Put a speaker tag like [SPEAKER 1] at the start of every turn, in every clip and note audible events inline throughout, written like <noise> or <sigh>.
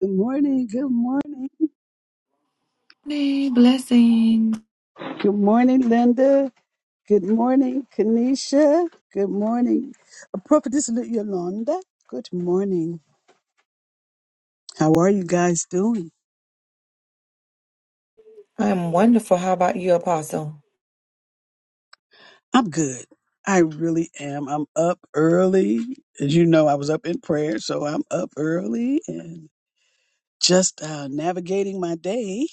[SPEAKER 1] Good morning. Good morning.
[SPEAKER 2] Hey, blessing.
[SPEAKER 1] Good morning, Linda. Good morning, Kanisha. Good morning, uh, Prophetess Li- Yolanda. Good morning. How are you guys doing?
[SPEAKER 2] I am wonderful. How about you, Apostle?
[SPEAKER 1] I'm good. I really am. I'm up early. As you know, I was up in prayer, so I'm up early and just uh, navigating my day.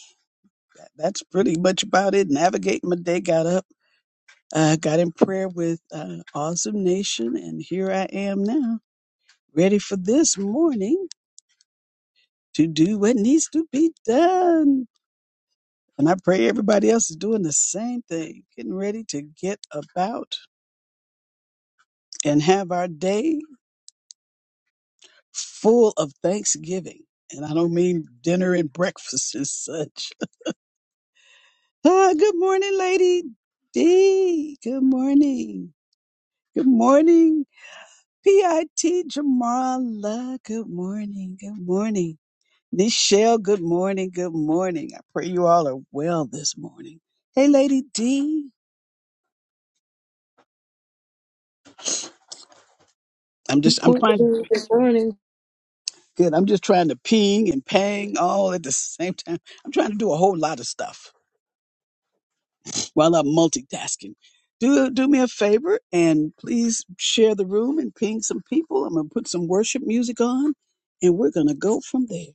[SPEAKER 1] That- That's pretty much about it. Navigating my day. Got up, uh, got in prayer with uh, Awesome Nation, and here I am now, ready for this morning to do what needs to be done. And I pray everybody else is doing the same thing, getting ready to get about and have our day full of Thanksgiving. And I don't mean dinner and breakfast and such. <laughs> Ah, good morning, Lady D. Good morning. Good morning, PIT Jamala. Good morning. Good morning. Nichelle, good morning. Good morning. I pray you all are well this morning. Hey, Lady D. I'm just I'm
[SPEAKER 3] Good
[SPEAKER 1] trying
[SPEAKER 3] morning.
[SPEAKER 1] good. I'm just trying to ping and pang all at the <laughs> same time. I'm trying to do a whole lot of stuff while I'm multitasking. Do do me a favor and please share the room and ping some people. I'm gonna put some worship music on and we're gonna go from there.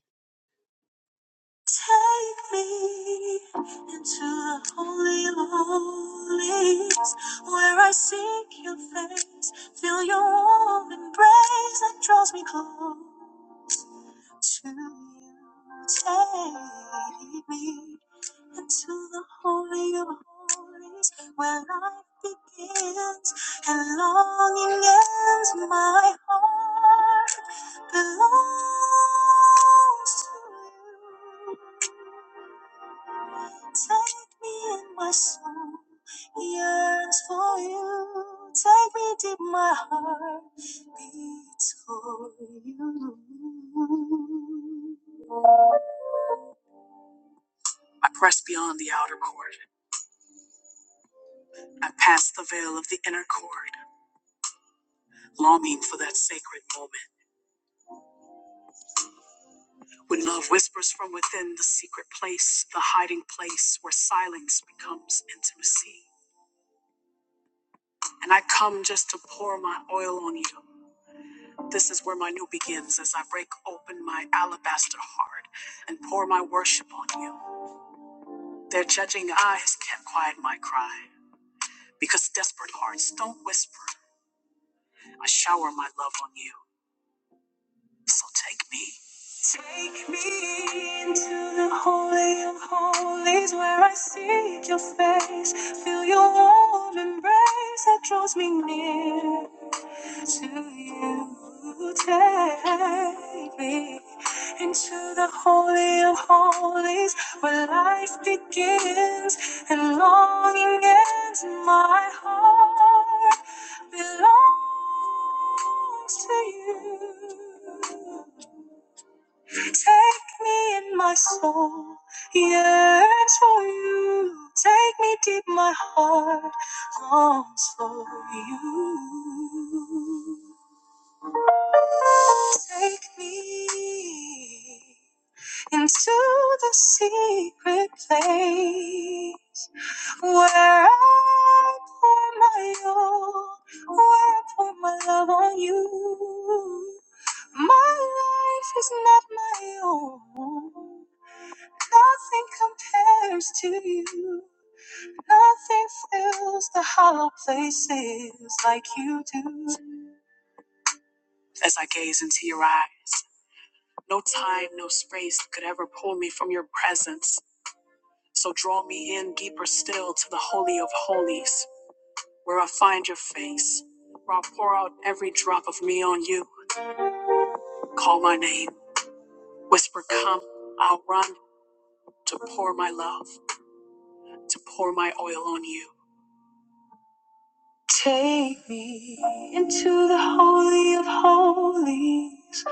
[SPEAKER 1] Take me into the holy of holies, where I seek your face. Feel your warm embrace that draws me close. to you. Take me into the holy of holies where life begins and longing ends. My heart belongs to you. Take me in my soul, yearns for you. Take me deep, my heart beats for you. Take me into the holy of holies where I seek your face. Feel your warm embrace that draws me near to you. Take me into the holy of holies where life begins and longing ends my heart. Belongs to you. Take me in my soul, yearns for you. Take me deep, my heart longs for you. Take me into the secret place where I pour my all, where I pour my love on you. My life is not my own. Nothing compares to you. Nothing fills the hollow places like you do. Take me into the holy of holies,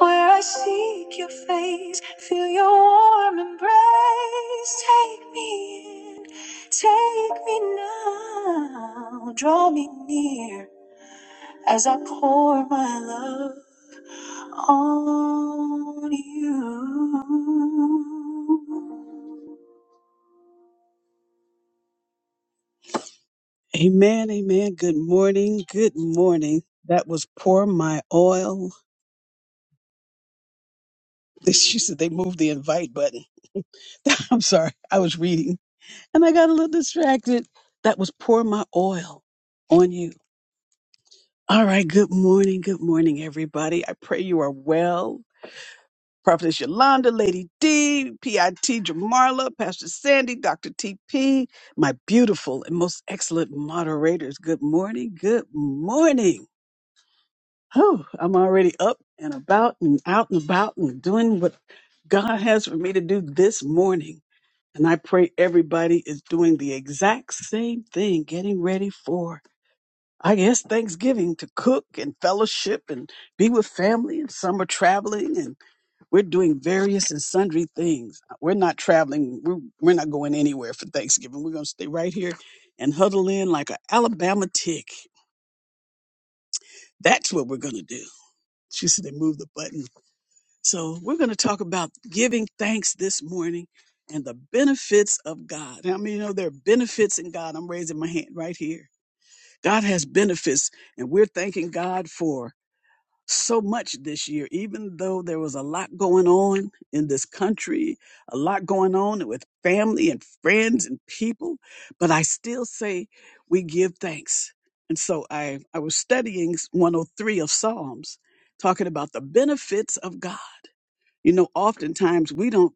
[SPEAKER 1] where I seek your face, feel your warm embrace. Take me in, take me now, draw me near as I pour my love. on you. Amen, amen. Good morning, good morning. That was pour my oil. <laughs> She said they moved the invite button. <laughs> I'm sorry, I was reading and I got a little distracted. That was pour my oil on you. All right, good morning, good morning, everybody. I pray you are well. Prophetess Yolanda, Lady D P I T PIT Jamarla, Pastor Sandy, Dr. TP, my beautiful and most excellent moderators. Good morning. Good morning. Oh, I'm already up and about and out and about and doing what God has for me to do this morning. And I pray everybody is doing the exact same thing, getting ready for, I guess, Thanksgiving to cook and fellowship and be with family. And some are traveling and we're doing various and sundry things. We're not traveling. We're, we're not going anywhere for Thanksgiving. We're going to stay right here and huddle in like an Alabama tick. That's what we're going to do. She said they moved the button. So we're going to talk about giving thanks this morning and the benefits of God. I mean, you know, there are benefits in God. I'm raising my hand right here. God has benefits, and we're thanking God for so much this year, even though there was a lot going on in this country, a lot going on with family and friends and people. But I still say we give thanks. And so I, I was studying 103 of Psalms, talking about the benefits of God. You know, oftentimes we don't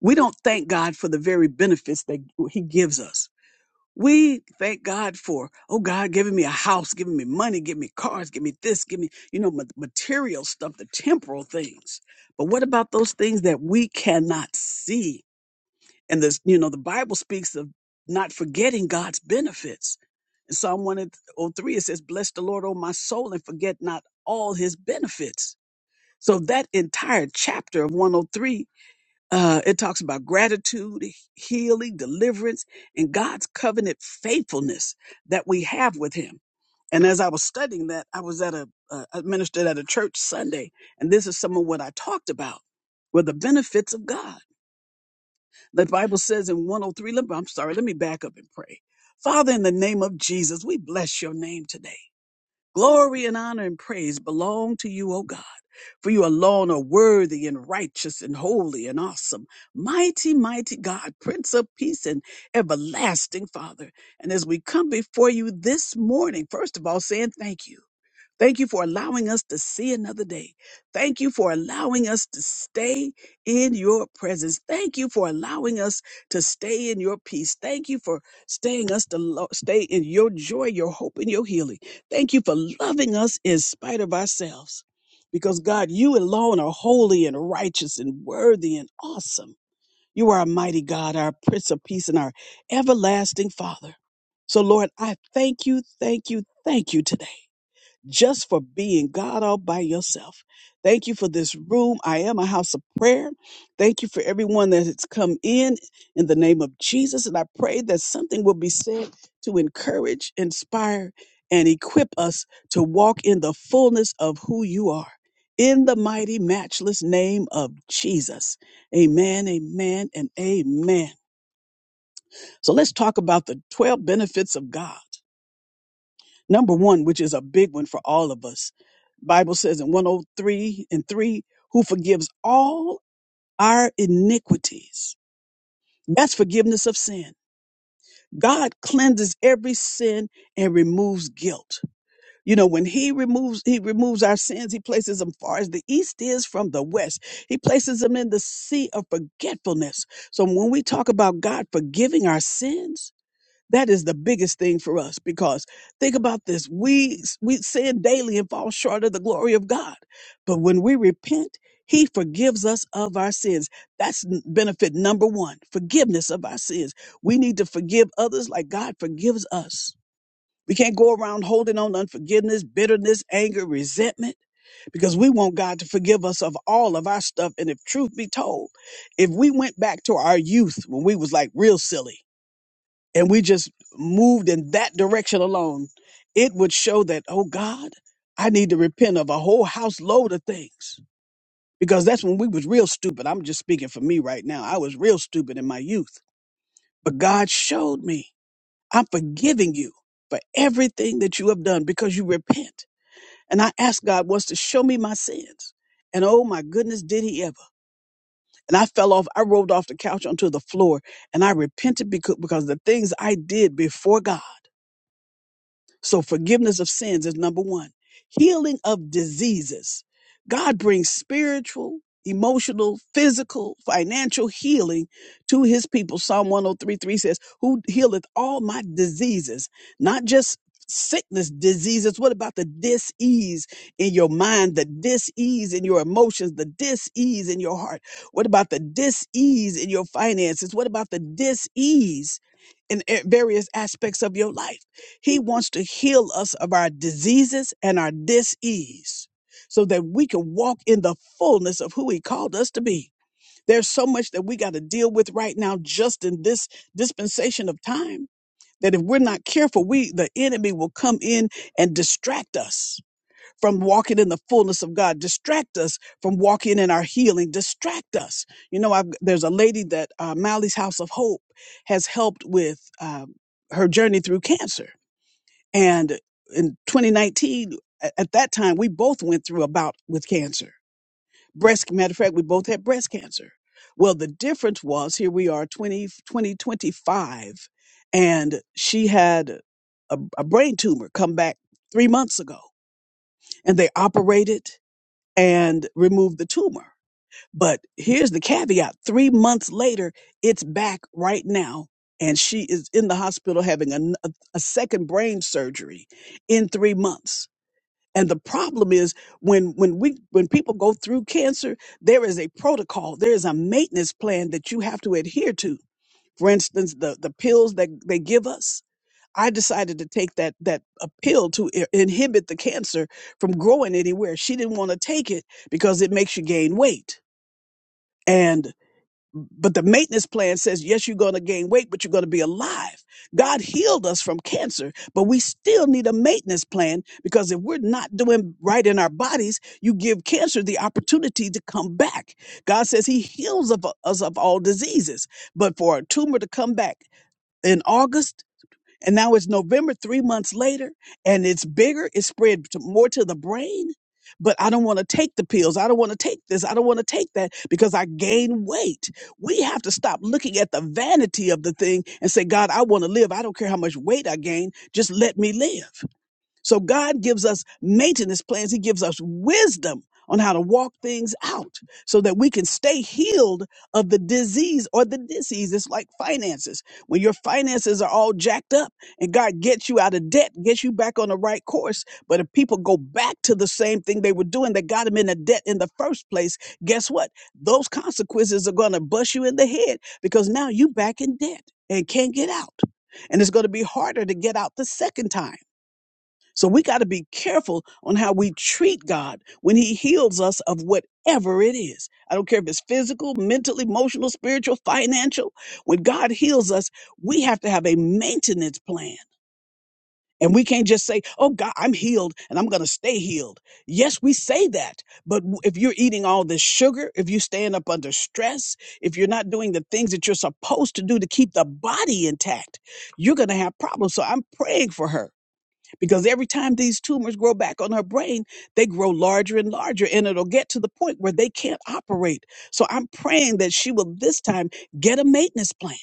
[SPEAKER 1] we don't thank God for the very benefits that He gives us we thank God for, oh God, giving me a house, giving me money, giving me cars, giving me this, giving me, you know, ma- material stuff, the temporal things. But what about those things that we cannot see? And this, you know, the Bible speaks of not forgetting God's benefits. In Psalm 103, it says, Bless the Lord, O my soul, and forget not all his benefits. So that entire chapter of 103 uh, it talks about gratitude, healing, deliverance, and God's covenant faithfulness that we have with Him. And as I was studying that, I was at a uh, I ministered at a church Sunday, and this is some of what I talked about were the benefits of God. The Bible says in 103. Let, I'm sorry. Let me back up and pray. Father, in the name of Jesus, we bless your name today. Glory and honor and praise belong to you, O God, for you alone are worthy and righteous and holy and awesome. Mighty, mighty God, Prince of Peace and everlasting Father. And as we come before you this morning, first of all, saying thank you. Thank you for allowing us to see another day. Thank you for allowing us to stay in your presence. Thank you for allowing us to stay in your peace. Thank you for staying us to lo- stay in your joy, your hope, and your healing. Thank you for loving us in spite of ourselves. Because God, you alone are holy and righteous and worthy and awesome. You are our mighty God, our Prince of Peace, and our everlasting Father. So, Lord, I thank you, thank you, thank you today just for being God all by yourself. Thank you for this room. I am a house of prayer. Thank you for everyone that has come in in the name of Jesus. And I pray that something will be said to encourage, inspire, and equip us to walk in the fullness of who you are. In the mighty, matchless name of Jesus. Amen, amen, and amen. So let's talk about the 12 benefits of God. Number one, which is a big one for all of us. Bible says in 103 and 3, who forgives all our iniquities. That's forgiveness of sin. God cleanses every sin and removes guilt. You know, when he removes he removes our sins, he places them far as the east is from the west. He places them in the sea of forgetfulness. So when we talk about God forgiving our sins, that is the biggest thing for us because think about this. We we sin daily and fall short of the glory of God. But when we repent, he forgives us of our sins. That's n- benefit number 1, forgiveness of our sins. We need to forgive others like God forgives us. We can't go around holding on to unforgiveness, bitterness, anger, resentment because we want God to forgive us of all of our stuff and if truth be told, if we went back to our youth when we was like real silly and we just moved in that direction alone, it would show that, oh God, I need to repent of a whole house load of things. Because that's when we was real stupid. I'm just speaking for me right now. I was real stupid in my youth. But God showed me, I'm forgiving you for everything that you have done because you repent. And I asked God once to show me my sins. And oh my goodness, did he ever. And I fell off, I rolled off the couch onto the floor and I repented because, because of the things I did before God. So forgiveness of sins is number one. Healing of diseases. God brings spiritual, emotional, physical, financial healing to his people. Psalm 103 3 three says, Who healeth all my diseases, not just sickness diseases what about the dis-ease in your mind the dis-ease in your emotions the dis-ease in your heart what about the dis-ease in your finances what about the dis-ease in a- various aspects of your life he wants to heal us of our diseases and our dis-ease so that we can walk in the fullness of who he called us to be. There's so much that we got to deal with right now just in this dispensation of time that if we're not careful, we the enemy will come in and distract us from walking in the fullness of God, distract us from walking in our healing, distract us. You know, I've, there's a lady that uh, Mally's House of Hope has helped with uh, her journey through cancer and in 2019, a- at that time, we both went through a bout with cancer. Breast, matter of fact, we both had breast cancer. Well, the difference was here we are 20, 2025, and she had a, a brain tumor come back three months ago, and they operated and removed the tumor. But here's the caveat three months later, it's back right now, and she is in the hospital having a, n- a a second brain surgery in three months. And the problem is when when we when people go through cancer, there is a protocol, there is a maintenance plan that you have to adhere to. For instance, the the pills that they give us. I decided to take that that a pill to i- inhibit the cancer from growing anywhere. She didn't want to take it because it makes you gain weight but the maintenance plan says yes you're going to gain weight but you're going to be alive god healed us from cancer but we still need a maintenance plan because if we're not doing right in our bodies you give cancer the opportunity to come back god says he heals of us of all diseases but for a tumor to come back in august and now it's November, three months later, and it's bigger. It's spread to, more to the brain. But I don't want to take the pills. I don't want to take this. I don't want to take that because I gain weight. We have to stop looking at the vanity of the thing and say, God, I want to live. I don't care how much weight I gain. Just let me live. So God gives us maintenance plans. He gives us wisdom on how to walk things out so that we can stay healed of the disease or the disease. It's like finances. When your finances are all jacked up and God gets you out of debt, gets you back on the right course. But if people go back to the same thing they were doing that got them in a debt in the first place, guess what? Those consequences are going to bust you in the head because now you back in debt and can't get out. And it's going to be harder to get out the second time. So we got to be careful on how we treat God when He heals us of whatever it is. I don't care if it's physical, mental, emotional, spiritual, financial. When God heals us, we have to have a maintenance plan. And we can't just say, oh, God, I'm healed and I'm going to stay healed. Yes, we say that. But w- if you're eating all this sugar, if you're staying up under stress, if you're not doing the things that you're supposed to do to keep the body intact, you're going to have problems. So I'm praying for her because every time these tumors grow back on her brain, they grow larger and larger, and it'll get to the point where they can't operate. So I'm praying that she will this time get a maintenance plan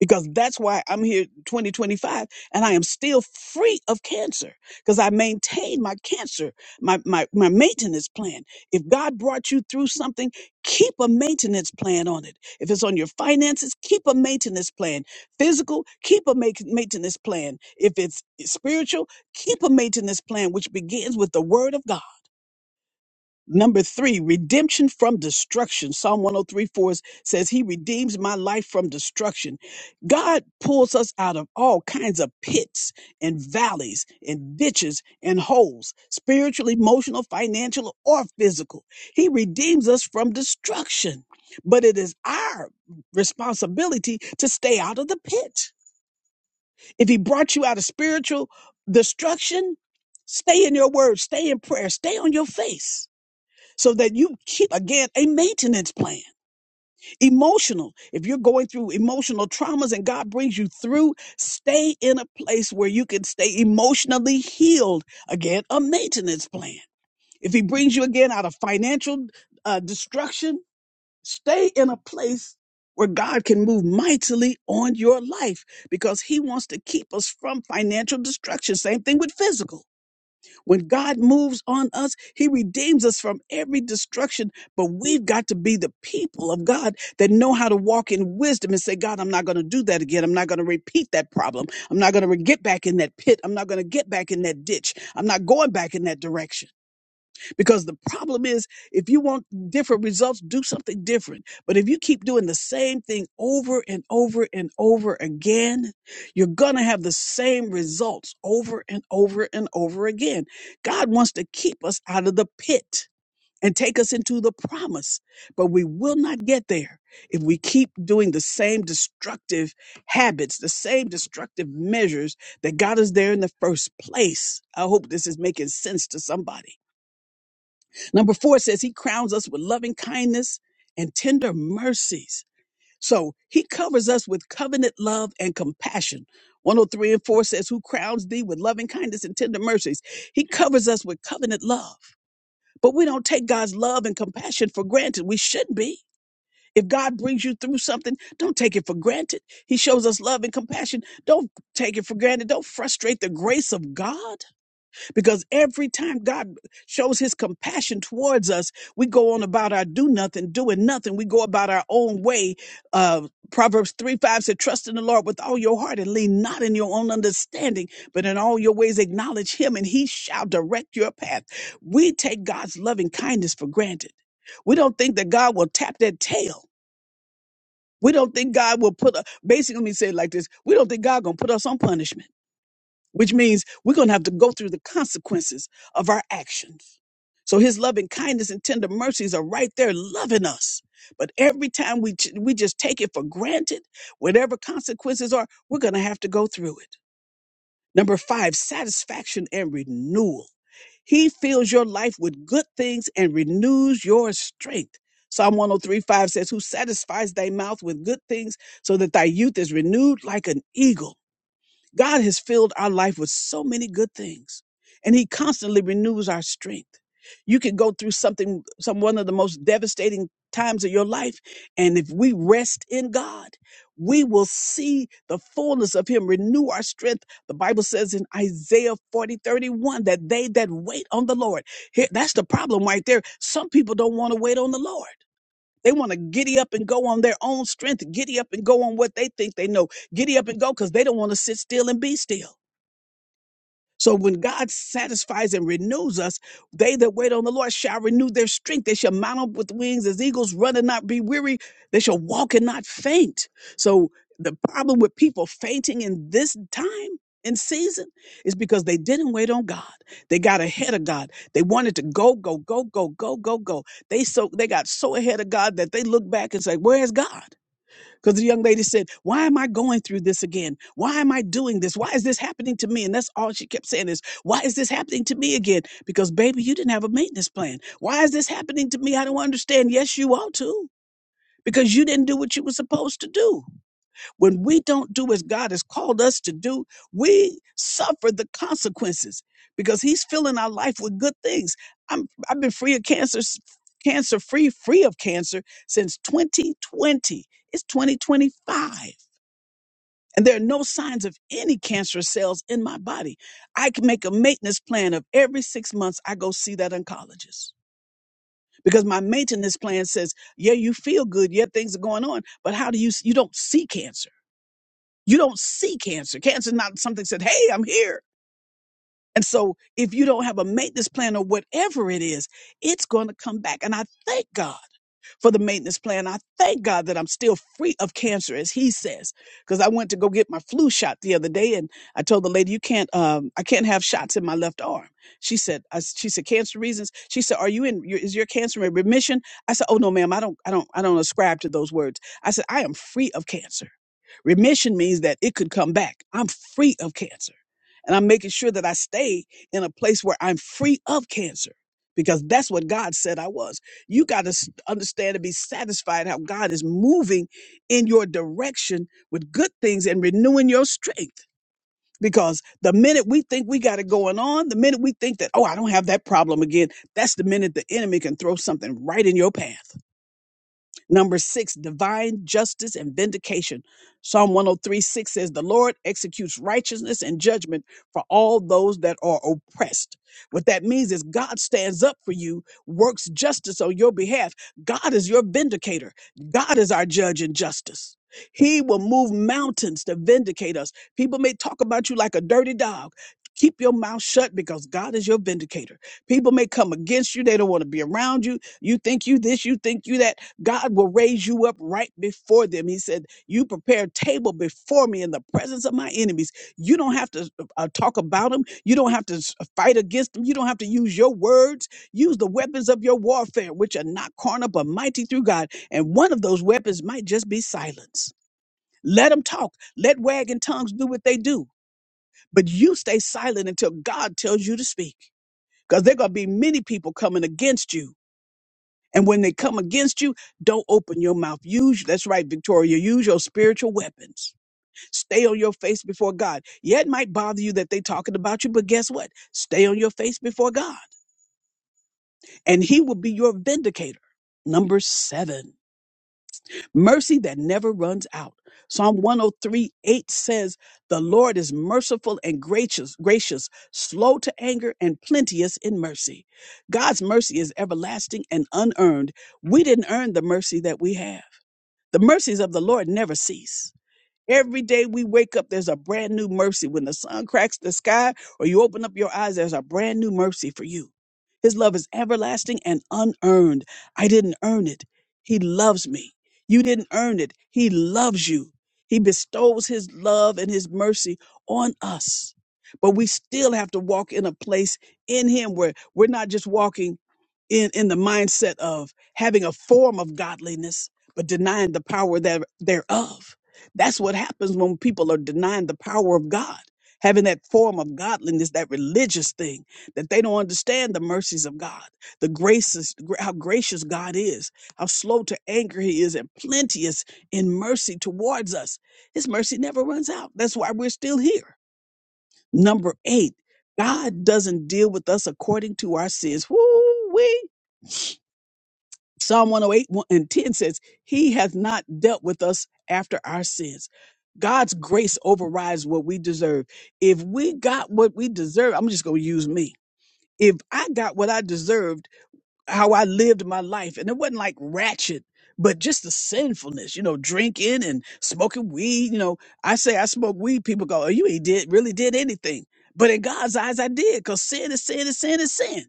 [SPEAKER 1] because that's why I'm here 2025 and I am still free of cancer because I maintain my cancer, my, my, my maintenance plan. If God brought you through something, keep a maintenance plan on it. If it's on your finances, keep a maintenance plan. Physical, keep a ma- maintenance plan. If it's spiritual, keep a maintenance plan, which begins with the word of God. Number three, redemption from destruction. Psalm 103 4 says, He redeems my life from destruction. God pulls us out of all kinds of pits and valleys and ditches and holes, spiritual, emotional, financial, or physical. He redeems us from destruction. But it is our responsibility to stay out of the pit. If He brought you out of spiritual destruction, stay in your word, stay in prayer, stay on your face so that you keep again a maintenance plan emotional if you're going through emotional traumas and god brings you through stay in a place where you can stay emotionally healed again a maintenance plan if he brings you again out of financial uh, destruction stay in a place where God can move mightily on your life because he wants to keep us from financial destruction. Same thing with physical. When God moves on us, He redeems us from every destruction. But we've got to be the people of God that know how to walk in wisdom and say, God, I'm not going to do that again. I'm not going to repeat that problem. I'm not going to get back in that pit. I'm not going to get back in that ditch. I'm not going back in that direction. Because the problem is, if you want different results, do something different. But if you keep doing the same thing over and over and over again, you're going to have the same results over and over and over again. God wants to keep us out of the pit and take us into the promise, but we will not get there if we keep doing the same destructive habits, the same destructive measures that got us there in the first place. I hope this is making sense to somebody Number four says he crowns us with loving kindness and tender mercies. So he covers us with covenant love and compassion. 103 and 4 says, Who crowns thee with loving kindness and tender mercies? He covers us with covenant love. But we don't take God's love and compassion for granted. We should be. If God brings you through something, don't take it for granted. He shows us love and compassion. Don't take it for granted. Don't frustrate the grace of God. Because every time God shows his compassion towards us, we go on about our do nothing, doing nothing. We go about our own way. Uh, Proverbs 3 5 said, Trust in the Lord with all your heart and lean not in your own understanding, but in all your ways acknowledge him, and he shall direct your path. We take God's loving kindness for granted. We don't think that God will tap that tail. We don't think God will put a basically let me say it like this. We don't think God gonna put us on punishment which means we're going to have to go through the consequences of our actions. So his loving kindness and tender mercies are right there loving us. But every time we ch- we just take it for granted, whatever consequences are, we're going to have to go through it. Number 5, satisfaction and renewal. He fills your life with good things and renews your strength. Psalm 103:5 says, Who satisfies thy mouth with good things so that thy youth is renewed like an eagle. God has filled our life with so many good things, and He constantly renews our strength. You could go through something, some one of the most devastating times of your life, and if we rest in God, we will see the fullness of Him renew our strength. The Bible says in Isaiah 40 31 that they that wait on the Lord, here, that's the problem right there. Some people don't want to wait on the Lord. They want to giddy up and go on their own strength, giddy up and go on what they think they know, giddy up and go because they don't want to sit still and be still. So when God satisfies and renews us, they that wait on the Lord shall renew their strength. They shall mount up with wings as eagles, run and not be weary. They shall walk and not faint. So the problem with people fainting in this time and season is because they didn't wait on God. They got ahead of God. They wanted to go, go, go, go, go, go, go. They so they got so ahead of God that they look back and say, Where is God? Because the young lady said, Why am I going through this again? Why am I doing this? Why is this happening to me? And that's all she kept saying is, Why is this happening to me again? Because, baby, you didn't have a maintenance plan. Why is this happening to me? I don't understand. Yes, you ought to, because you didn't do what you were supposed to do. When we don't do as God has called us to do, we suffer the consequences because He's filling our life with good things. I'm, I've been free of cancer, s- cancer free, free of cancer since 2020. It's 2025. And there are no signs of any cancerous cells in my body. I can make a maintenance plan of every six months I go see that oncologist because my maintenance plan says, yeah, you feel good, yeah, things are going on, but how do you, you don't see cancer? You don't see cancer. Cancer is not something said, hey, I'm here. And so if you don't have a maintenance plan or whatever it is, it's going to come back. And I thank God for the maintenance plan. I thank God that I'm still free of cancer, as he says, because I went to go get my flu shot the other day, and I told the lady, "You can't, um, I can't have shots in my left arm." She said, I, "She said cancer reasons." She said, "Are you in? your- Is your cancer in remission?" I said, "Oh no, ma'am, I don't, I don't, I don't ascribe to those words." I said, "I am free of cancer. Remission means that it could come back. I'm free of cancer." And I'm making sure that I stay in a place where I'm free of cancer because that's what God said I was. You got to s- understand and be satisfied how God is moving in your direction with good things and renewing your strength. Because the minute we think we got it going on, the minute we think that, oh, I don't have that problem again, that's the minute the enemy can throw something right in your path. Number six, divine justice and vindication. Psalm 103 6 says, The Lord executes righteousness and judgment for all those that are oppressed. What that means is God stands up for you, works justice on your behalf. God is your vindicator, God is our judge in justice. He will move mountains to vindicate us. People may talk about you like a dirty dog. Keep your mouth shut because God is your vindicator. People may come against you. They don't want to be around you. You think you this, you think you that God will raise you up right before them. He said, You prepare a table before me in the presence of my enemies. You don't have to uh, talk about them. You don't have to s- uh, fight against them. You don't have to use your words. Use the weapons of your warfare, which are not carnal, but mighty through God. And one of those weapons might just be silence. Let them talk. Let wagging tongues do what they do. But you stay silent until God tells you to speak, because there are going to be many people coming against you and when they come against you, don't open your mouth. Use, that's right, Victoria, use your spiritual weapons. Stay on your face before God. Yeah, it might bother you that they're talking about you, but guess what? Stay on your face before God, and He will be your vindicator. Number seven, mercy that never runs out. Psalm one o three eight says, The Lord is merciful and gracious, gracious, slow to anger, and plenteous in mercy. God's mercy is everlasting and unearned. We didn't earn the mercy that we have. The mercies of the Lord never cease. Every day we wake up, there's a brand new mercy. When the sun cracks the sky or you open up your eyes, there's a brand new mercy for you. His love is everlasting and unearned. I didn't earn it. He loves me. You didn't earn it. He loves you. He bestows his love and his mercy on us. But we still have to walk in a place in him where we're not just walking in, in the mindset of having a form of godliness, but denying the power there, thereof that's what happens when people are denying the power of God, having that form of godliness, that religious thing, that they don't understand the mercies of God, the graces, gra- how gracious God is, how slow to anger He is, and plenteous in mercy towards us. His mercy never runs out. That's why we're still here. Number eight, God doesn't deal with us according to our sins. Woo Psalm 108 and 10 says, He hath not dealt with us after our sins. God's grace overrides what we deserve. If we got what we deserve, I'm just going to use me. If I got what I deserved, how I lived my life, and it wasn't like ratchet, but just the sinfulness, you know, drinking and smoking weed. You know, I say I smoke weed, people go, Oh, you ain't did, really did anything. But in God's eyes, I did because sin is sin is sin is sin.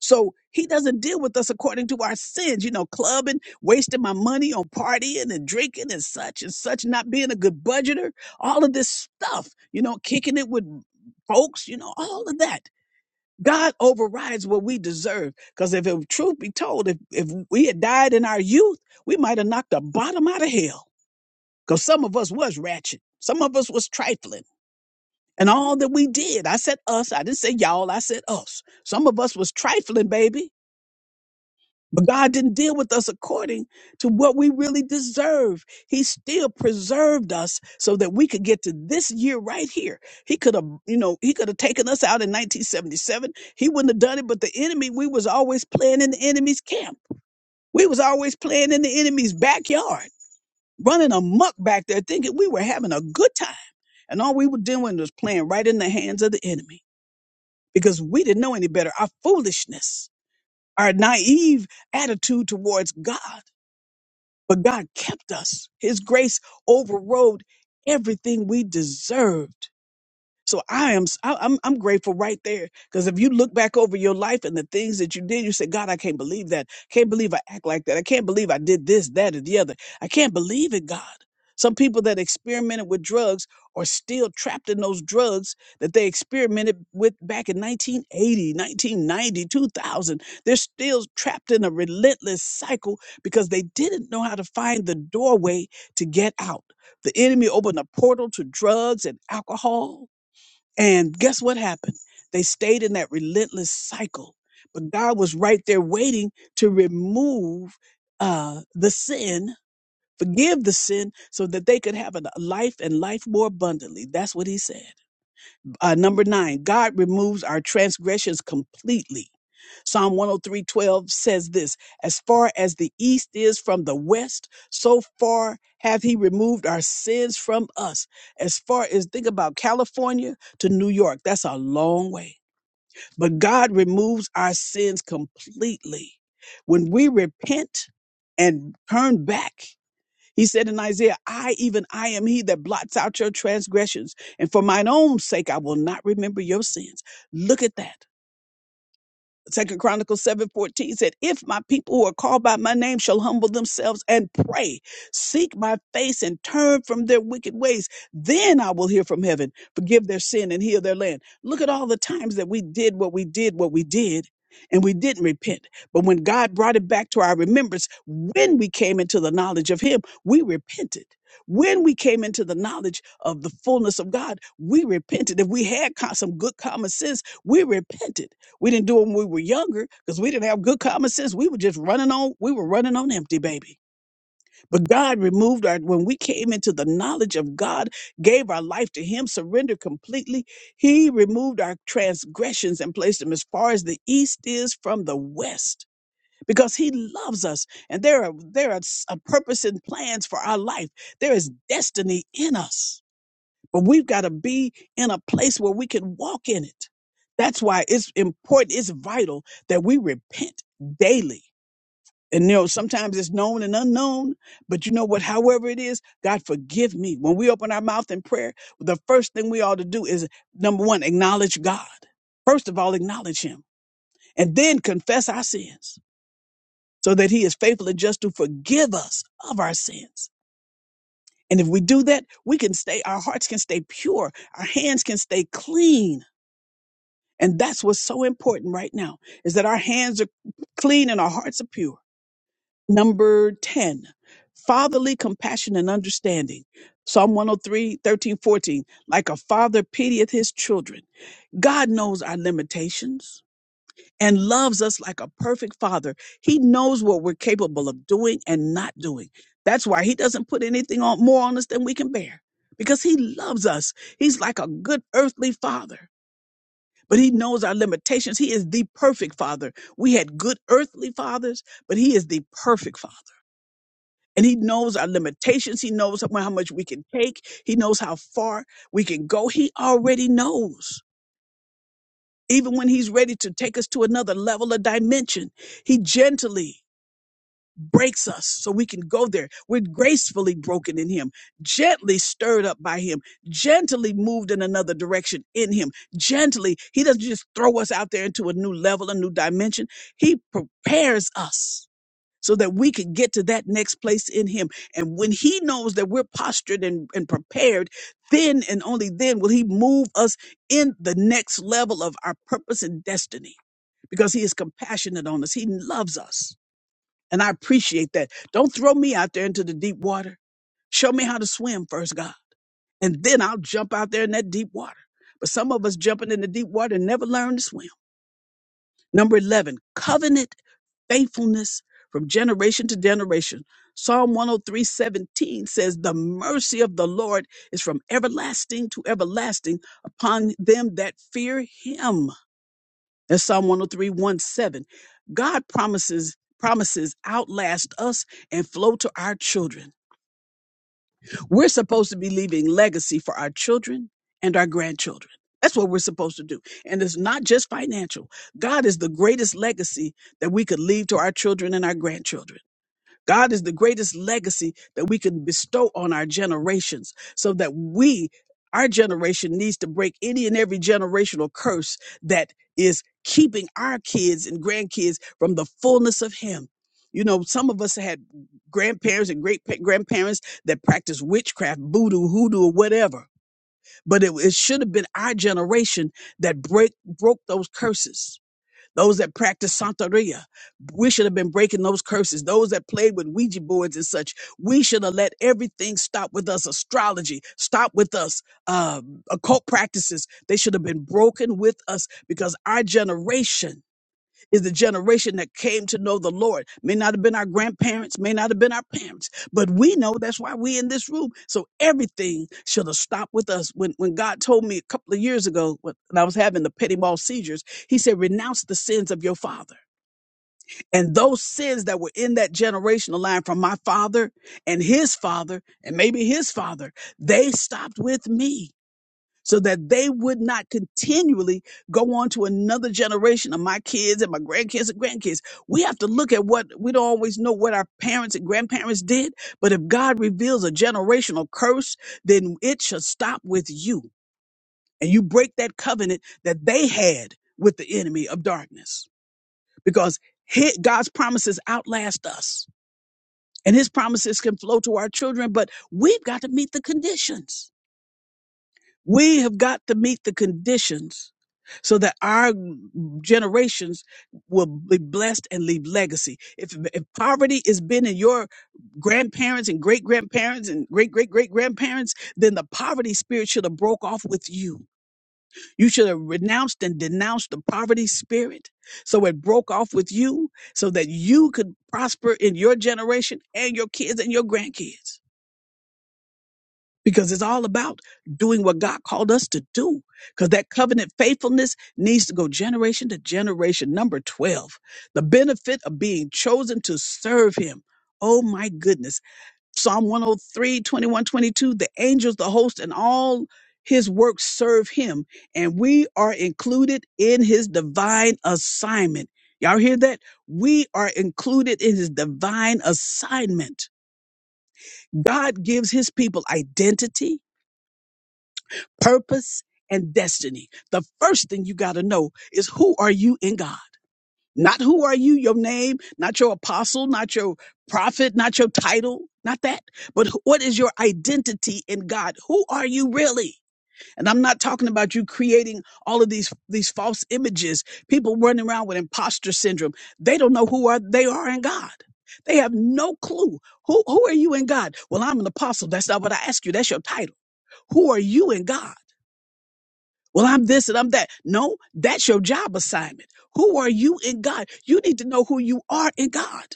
[SPEAKER 1] So he doesn't deal with us according to our sins, you know, clubbing, wasting my money on partying and drinking and such and such, not being a good budgeter, all of this stuff, you know, kicking it with folks, you know, all of that. God overrides what we deserve. Because if it, truth be told, if, if we had died in our youth, we might have knocked the bottom out of hell. Because some of us was ratchet. Some of us was trifling. And all that we did, I said us, I didn't say y'all, I said us. Some of us was trifling, baby but God didn't deal with us according to what we really deserve. He still preserved us so that we could get to this year right here. He could have, you know, he could have taken us out in 1977. He wouldn't have done it, but the enemy, we was always playing in the enemy's camp. We was always playing in the enemy's backyard, running amok back there thinking we were having a good time. And all we were doing was playing right in the hands of the enemy because we didn't know any better. Our foolishness, our naive attitude towards God but God kept us. His grace overrode everything we deserved. So I am i am I- I'm I'm grateful right there because if you look back over your life and the things that you did, you say, God, I can't believe that. Can't believe I act like that. I can't believe I did this, that, and the other. I can't believe it, God. Some people that experimented with drugs are still trapped in those drugs that they experimented with back in 1980, 1990, 2000. They're still trapped in a relentless cycle because they didn't know how to find the doorway to get out. The enemy opened a portal to drugs and alcohol and guess what happened? They stayed in that relentless cycle. But God was right there waiting to remove uh, the sin, forgive the sin, so that they could have a life and life more abundantly. That's what he said. Uh, number nine, God removes our transgressions completely. Psalm 103:12 says this, as far as the east is from the west, so far hath he removed our sins from us. As far as think about California to New York, that's a long way. But God removes our sins completely. When we repent and turn back, he said in Isaiah, I, even I, am he that blots out your transgressions, and for mine own sake I will not remember your sins. Look at that. Second Chronicles seven fourteen said, If my people who are called by my name shall humble themselves and pray, seek my face and turn from their wicked ways, then I will hear from heaven, forgive their sin and heal their land. Look at all the times that we did what we did, what we did, and we didn't repent. But when God brought it back to our remembrance, when we came into the knowledge of Him, we repented. When we came into the knowledge of the fullness of God, we repented. If we had co- some good common sense, we repented we didn't do it when we were younger because we didn't have good common sense. We were just running on, we were running on empty, baby. But God removed our, when we came into the knowledge of God, gave our life to Him, surrendered completely, He removed our transgressions and placed them as far as the East is from the West. Because he loves us, and there are there are s- a purpose and plans for our life. There is destiny in us but we've got to be in a place where we can walk in it. That's why it's important, it's vital that we repent daily. And you know, sometimes it's known and unknown, but you know what? However it is, God forgive me. When we open our mouth in prayer, the first thing we ought to do is number one, acknowledge God. First of all, acknowledge Him and then confess our sins so that He is faithful and just to forgive us of our sins. And if we do that, we can stay, our hearts can stay pure, our hands can stay clean, And that's what's so important right now is that our hands are clean and our hearts are pure. Number 10, fatherly compassion and understanding. Psalm 103, 13, 14. Like a father pitieth his children. God knows our limitations and loves us like a perfect father. He knows what we're capable of doing and not doing. That's why he doesn't put anything on more on us than we can bear because he loves us. He's like a good earthly father but he knows our limitations. He is the perfect father. We had good earthly fathers, but he is the perfect father. And he knows our limitations. He knows how how much we can take. He knows how far we can go. He already knows. Even when he's ready to take us to another level of dimension, he gently breaks us so we can go there. We're gracefully broken in Him, gently stirred up by Him, gently moved in another direction in Him, gently. He doesn't just throw us out there into a new level, a new dimension. He prepares us so that we can get to that next place in Him. And when He knows that we're postured and, and prepared, then and only then will He move us in the next level of our purpose and destiny because He is compassionate on us, He loves us. And I appreciate that. Don't throw me out there into the deep water. Show me how to swim first, God. And then I'll jump out there in that deep water. But some of us jumping in the deep water and never learn to swim. Number 11, covenant faithfulness from generation to generation. Psalm 103 17 says, The mercy of the Lord is from everlasting to everlasting upon them that fear him. In Psalm 103, 17, God promises promises outlast us and flow to our children. We're supposed to be leaving legacy for our children and our grandchildren. That's what we're supposed to do. And it's not just financial. God is the greatest legacy that we could leave to our children and our grandchildren. God is the greatest legacy that we can bestow on our generations so that we, our generation, needs to break any and every generational curse that is keeping our kids and grandkids from the fullness of Him. You know, some of us had grandparents and great pa- grandparents that practiced witchcraft, voodoo, hoodoo, or whatever. But it, it should have been our generation that break broke those curses those that practice Santeria, we should have been breaking those curses. Those that played with Ouija boards and such, we should have let everything stop with us. Astrology, stop with us. Um, occult practices, they should have been broken with us because our generation is the generation that came to know the Lord. May not have been our grandparents, may not have been our parents, but we know that's why we in this room. So everything should have stopped with us. When when God told me a couple of years ago, when when I was having the petit mal seizures, He said, "Renounce the sins of your father and those sins that were in that generational line from my father and his father and maybe his father. They stopped with me." so that they would not continually go on to another generation of my kids and my grandkids and grandkids. We have to look at what we don't always know what our parents and grandparents did, but if God reveals a generational curse, then it should stop with you. And you break that covenant that they had with the enemy of darkness because hi- God's promises outlast us and his promises can flow to our children, but we've got to meet the conditions. We have got to meet the conditions so that our generations will be blessed and leave legacy. If, if poverty has been in your grandparents and great grandparents and great great great grandparents, then the poverty spirit should have broke off with you. You should have renounced and denounced the poverty spirit. So it broke off with you so that you could prosper in your generation and your kids and your grandkids because it's all about doing what God called us to do. Because that covenant faithfulness needs to go generation to generation. Number 12, the benefit of being chosen to serve Him. Oh my goodness. Psalm 103, 21, 22. the angels, the host, and all His works serve Him. And we are included in His divine assignment. Y'all hear that? We are included in His divine assignment. God gives His people identity purpose and destiny. The first thing you got to know is who are you in God? Not who are you, your name, not your apostle, not your prophet, not your title, not that, but wh- what is your identity in God? Who are you really? And I'm not talking about you creating all of these these false images. People running around with imposter syndrome. They don't know who are they are in God. They have no clue. Who who are you in God? Well, I'm an apostle. That's not what I ask you. That's your title. Who are you in God? Well, I'm this and I'm that. No, that's your job assignment. Who are you in God? You need to know who you are in God.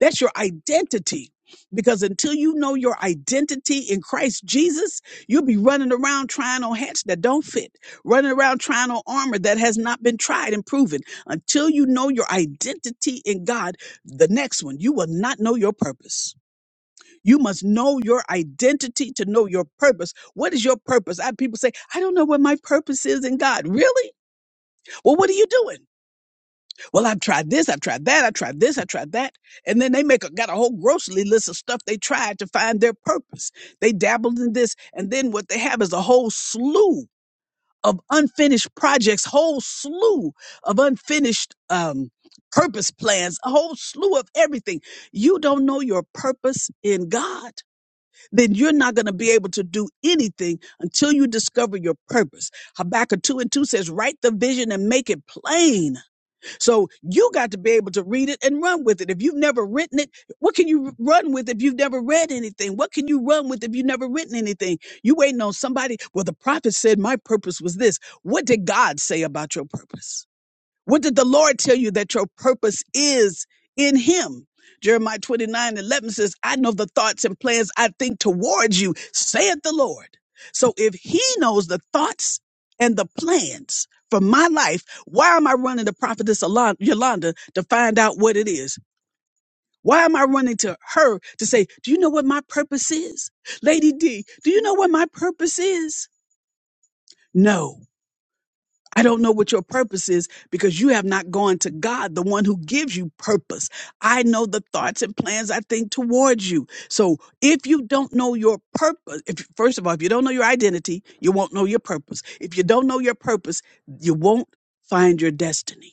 [SPEAKER 1] That's your identity. Because until you know your identity in Christ Jesus, you'll be running around trying on hats that don't fit, running around trying on armor that has not been tried and proven. Until you know your identity in God, the next one, you will not know your purpose. You must know your identity to know your purpose. What is your purpose? I people say, I don't know what my purpose is in God. Really? Well, what are you doing? Well, I've tried this, I've tried that, I tried this, I tried that. And then they make a, got a whole grocery list of stuff they tried to find their purpose. They dabbled in this, and then what they have is a whole slew of unfinished projects, whole slew of unfinished um purpose plans, a whole slew of everything. You don't know your purpose in God then you're not going to be able to do anything until you discover your purpose. Habakkuk 2 and 2 says, write the vision and make it plain. So you got to be able to read it and run with it. If you've never written it, what can you run with if you've never read anything? What can you run with if you've never written anything? You waiting on somebody. Well, the prophet said my purpose was this. What did God say about your purpose? What did the Lord tell you that your purpose is in Him? Jeremiah 29 11 says, I know the thoughts and plans I think towards you, saith the Lord. So if He knows the thoughts and the plans for my life, why am I running to Prophetess Alon- Yolanda to find out what it is? Why am I running to her to say, Do you know what my purpose is? Lady D, do you know what my purpose is? No. I don't know what your purpose is because you have not gone to God, the one who gives you purpose. I know the thoughts and plans I think towards you. So if you don't know your purpose, if first of all, if you don't know your identity, you won't know your purpose. If you don't know your purpose, you won't find your destiny.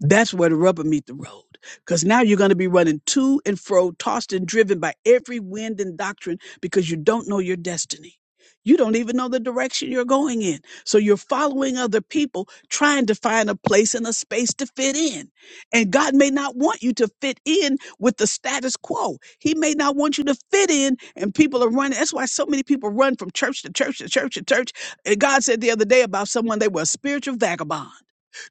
[SPEAKER 1] That's where the rubber meet the road. Because now you're going to be running to and fro, tossed and driven by every wind and doctrine because you don't know your destiny. You don't even know the direction you're going in. So you're following other people, trying to find a place and a space to fit in. And God may not want you to fit in with the status quo. He may not want you to fit in, and people are running. That's why so many people run from church to church to church to church. And God said the other day about someone, they were a spiritual vagabond.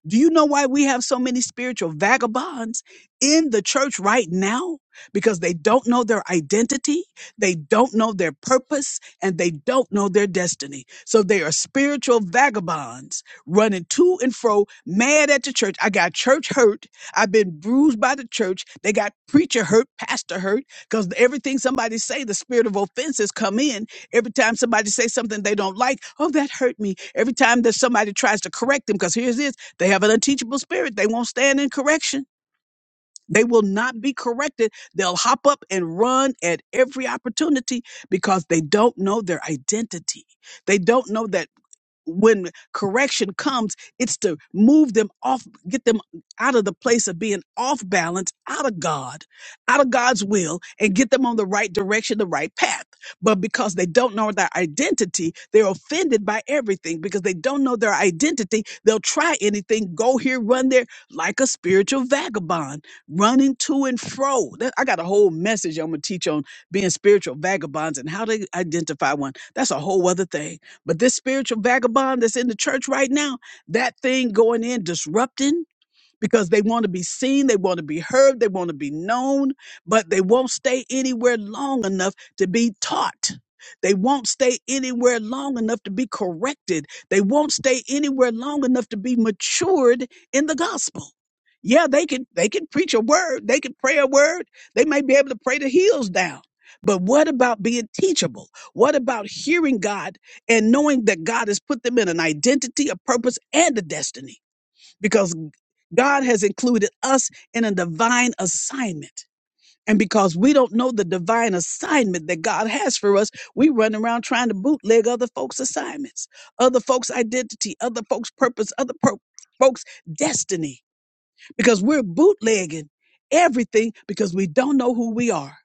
[SPEAKER 1] Do you know why we have so many spiritual vagabonds in the church right now? Because they don't know their identity, they don't know their purpose, and they don't know their destiny. So they are spiritual vagabonds running to and fro, mad at the church. I got church hurt. I've been bruised by the church. They got preacher hurt, pastor hurt, because everything somebody say, the spirit of offense has come in Every time somebody say something they don't like, oh, that hurt me. Every time that somebody tries to correct them, because here's it. They have an unteachable spirit. They won't stand in correction. They will not be corrected. They'll hop up and run at every opportunity because they don't know their identity. They don't know that when correction comes, it's to move them off, get them out of the place of being off balance, out of God, out of God's will, and get them on the right direction, the right path. But because they don't know their identity, they're offended by everything. Because they don't know their identity, they'll try anything, go here, run there, like a spiritual vagabond, running to and fro. That- I got a whole message I'm going to teach on being spiritual vagabonds and how to identify one. That's a whole other thing. But this spiritual vagabond that's in the church right now, that thing going in disrupting because they want to be seen, they want to be heard, they want to be known, but they won't stay anywhere long enough to be taught. They won't stay anywhere long enough to be corrected. They won't stay anywhere long enough to be matured in the gospel. Yeah, they can they can preach a word, they can pray a word, they may be able to pray the heels down. But what about being teachable? What about hearing God and knowing that God has put them in an identity, a purpose, and a destiny? because God has included us in a divine assignment. And because we don't know the divine assignment that God has for us, we run around trying to bootleg other folks' assignments, other folks' identity, other folks' purpose, other per- folks' destiny because we're bootlegging everything because we don't know who we are.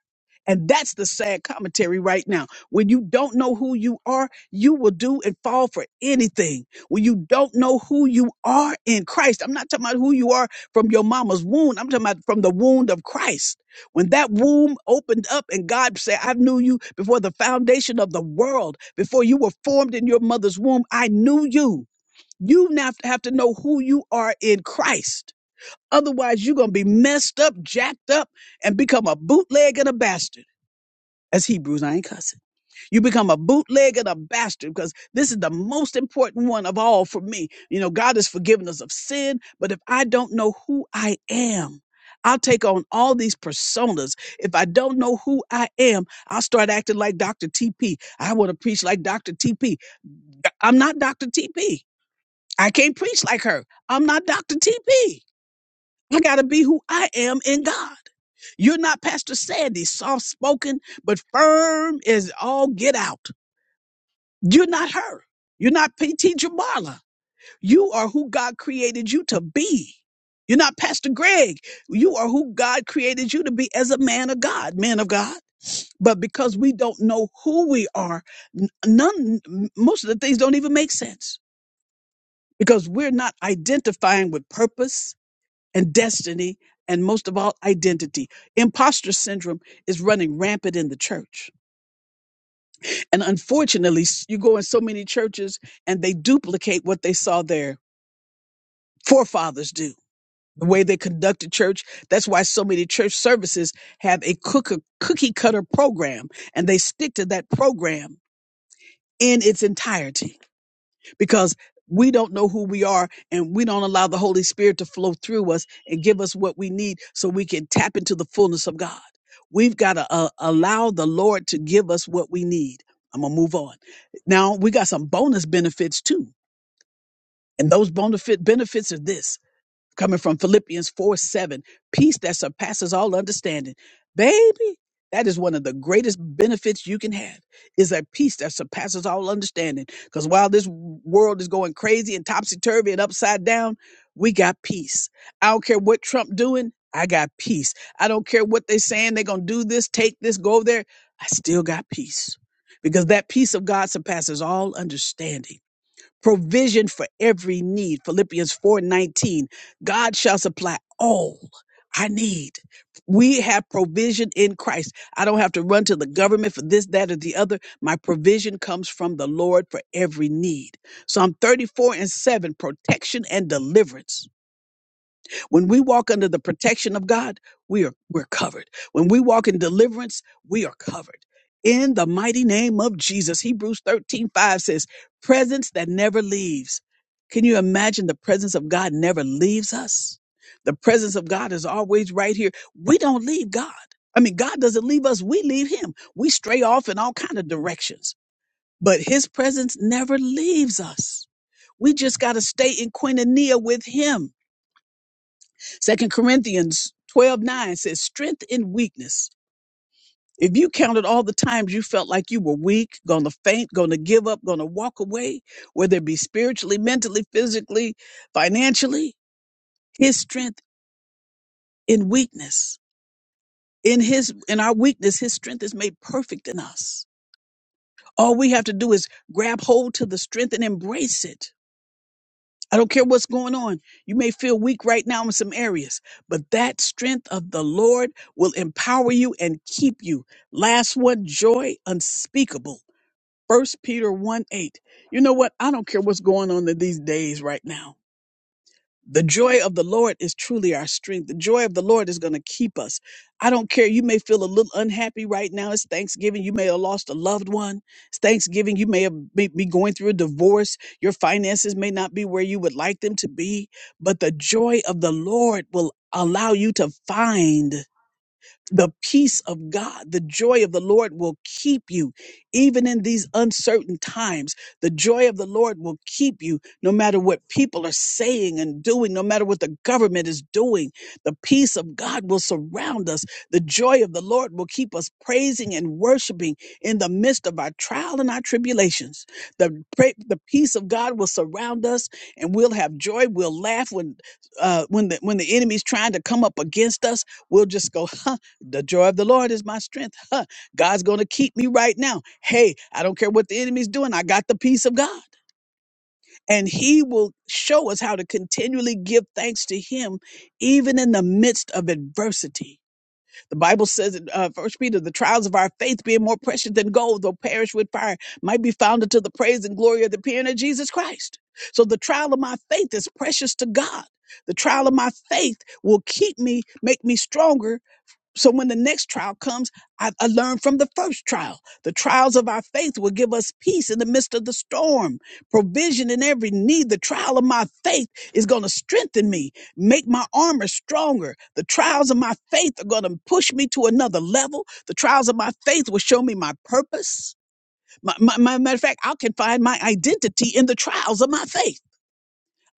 [SPEAKER 1] And that's the sad commentary right now. When you don't know who you are, you will do and fall for anything. When you don't know who you are in Christ, I'm not talking about who you are from your mama's womb. I'm talking about from the wound of Christ. When that womb opened up and God said, I knew you before the foundation of the world, before you were formed in your mother's womb, I knew you. You now have to know who you are in Christ. Otherwise, you're going to be messed up, jacked up, and become a bootleg and a bastard. As Hebrews, I ain't cussing. You become a bootleg and a bastard because this is the most important one of all for me. You know, God has forgiven us of sin, but if I don't know who I am, I'll take on all these personas. If I don't know who I am, I'll start acting like Dr. TP. I want to preach like Dr. TP. I'm not Dr. TP. I can't preach like her. I'm not Dr. TP. I got to be who I am in God. You're not Pastor Sandy, soft spoken, but firm as all get out. You're not her. You're not P.T. Jamala. You are who God created you to be. You're not Pastor Greg. You are who God created you to be as a man of God, man of God. But because we don't know who we are, n- none, most of the things don't even make sense because we're not identifying with purpose and destiny, and most of all, identity. Imposter syndrome is running rampant in the church. And unfortunately, s- you go in so many churches and they duplicate what they saw their forefathers do. The way they conducted church. That's why so many church services have a cook- cookie cutter program and they stick to that program in its entirety. because we don't know who we are and we don't allow the Holy Spirit to flow through us and give us what we need so we can tap into the fullness of God. We've got to uh, allow the Lord to give us what we need. I'm going to move on. Now, we got some bonus benefits too. And those bonus benefits are this coming from Philippians 4 7, peace that surpasses all understanding. Baby, that is one of the greatest benefits you can have is a peace that surpasses all understanding. Because while this world is going crazy and topsy-turvy and upside down, we got peace. I don't care what Trump doing, I got peace. I don't care what they saying, they're gonna do this, take this, go there. I still got peace. Because that peace of God surpasses all understanding provision for every need. Philippians 4:19. God shall supply all I need. We have provision in Christ. I don't have to run to the government for this, that, or the other. My provision comes from the Lord for every need. Psalm 34 and 7, protection and deliverance. When we walk under the protection of God, we are we're covered. When we walk in deliverance, we are covered. In the mighty name of Jesus, Hebrews 13 5 says, presence that never leaves. Can you imagine the presence of God never leaves us? The presence of God is always right here. We don't leave God. I mean, God doesn't leave us, we leave him. We stray off in all kind of directions, but his presence never leaves us. We just got to stay in koinonia with him Second Corinthians 12 9 says, Strength in weakness. If you counted all the times you felt like you were weak, gonna faint, gonna give up, gonna walk away, whether it be spiritually, mentally, physically, financially, his strength in weakness. In his in our weakness, his strength is made perfect in us. All we have to do is grab hold to the strength and embrace it. I don't care what's going on. You may feel weak right now in some areas, but that strength of the Lord will empower you and keep you. Last one, joy unspeakable. First Peter 1 8. You know what? I don't care what's going on in these days right now. The joy of the Lord is truly our strength. The joy of the Lord is going to keep us. I don't care. You may feel a little unhappy right now. It's Thanksgiving. You may have lost a loved one. It's Thanksgiving. You may have be, be going through a divorce. Your finances may not be where you would like them to be, but the joy of the Lord will allow you to find the peace of God, the joy of the Lord will keep you even in these uncertain times. The joy of the Lord will keep you no matter what people are saying and doing, no matter what the government is doing. The peace of God will surround us. The joy of the Lord will keep us praising and worshiping in the midst of our trial and our tribulations. The, pra- the peace of God will surround us and we'll have joy. We'll laugh when, uh, when the, when the enemy's trying to come up against us. We'll just go, <laughs> the joy of the Lord is my strength. <laughs> Huh. God's going to keep me right now. Hey, I don't care what the enemy's doing. I got the peace of God. And he will show us how to continually give thanks to him, even in the midst of adversity. The Bible says in uh, 1 Peter, the trials of our faith being more precious than gold, though perish with fire, might be found unto the praise and glory of the appearing of Jesus Christ. So the trial of my faith is precious to God. The trial of my faith will keep me, make me stronger so when the next trial comes, I, I learned from the first trial. The trials of our faith will give us peace in the midst of the storm, provision in every need. The trial of my faith is going to strengthen me, make my armor stronger. The trials of my faith are going to push me to another level. The trials of my faith will show me my purpose. My, my, my matter of fact, I can find my identity in the trials of my faith.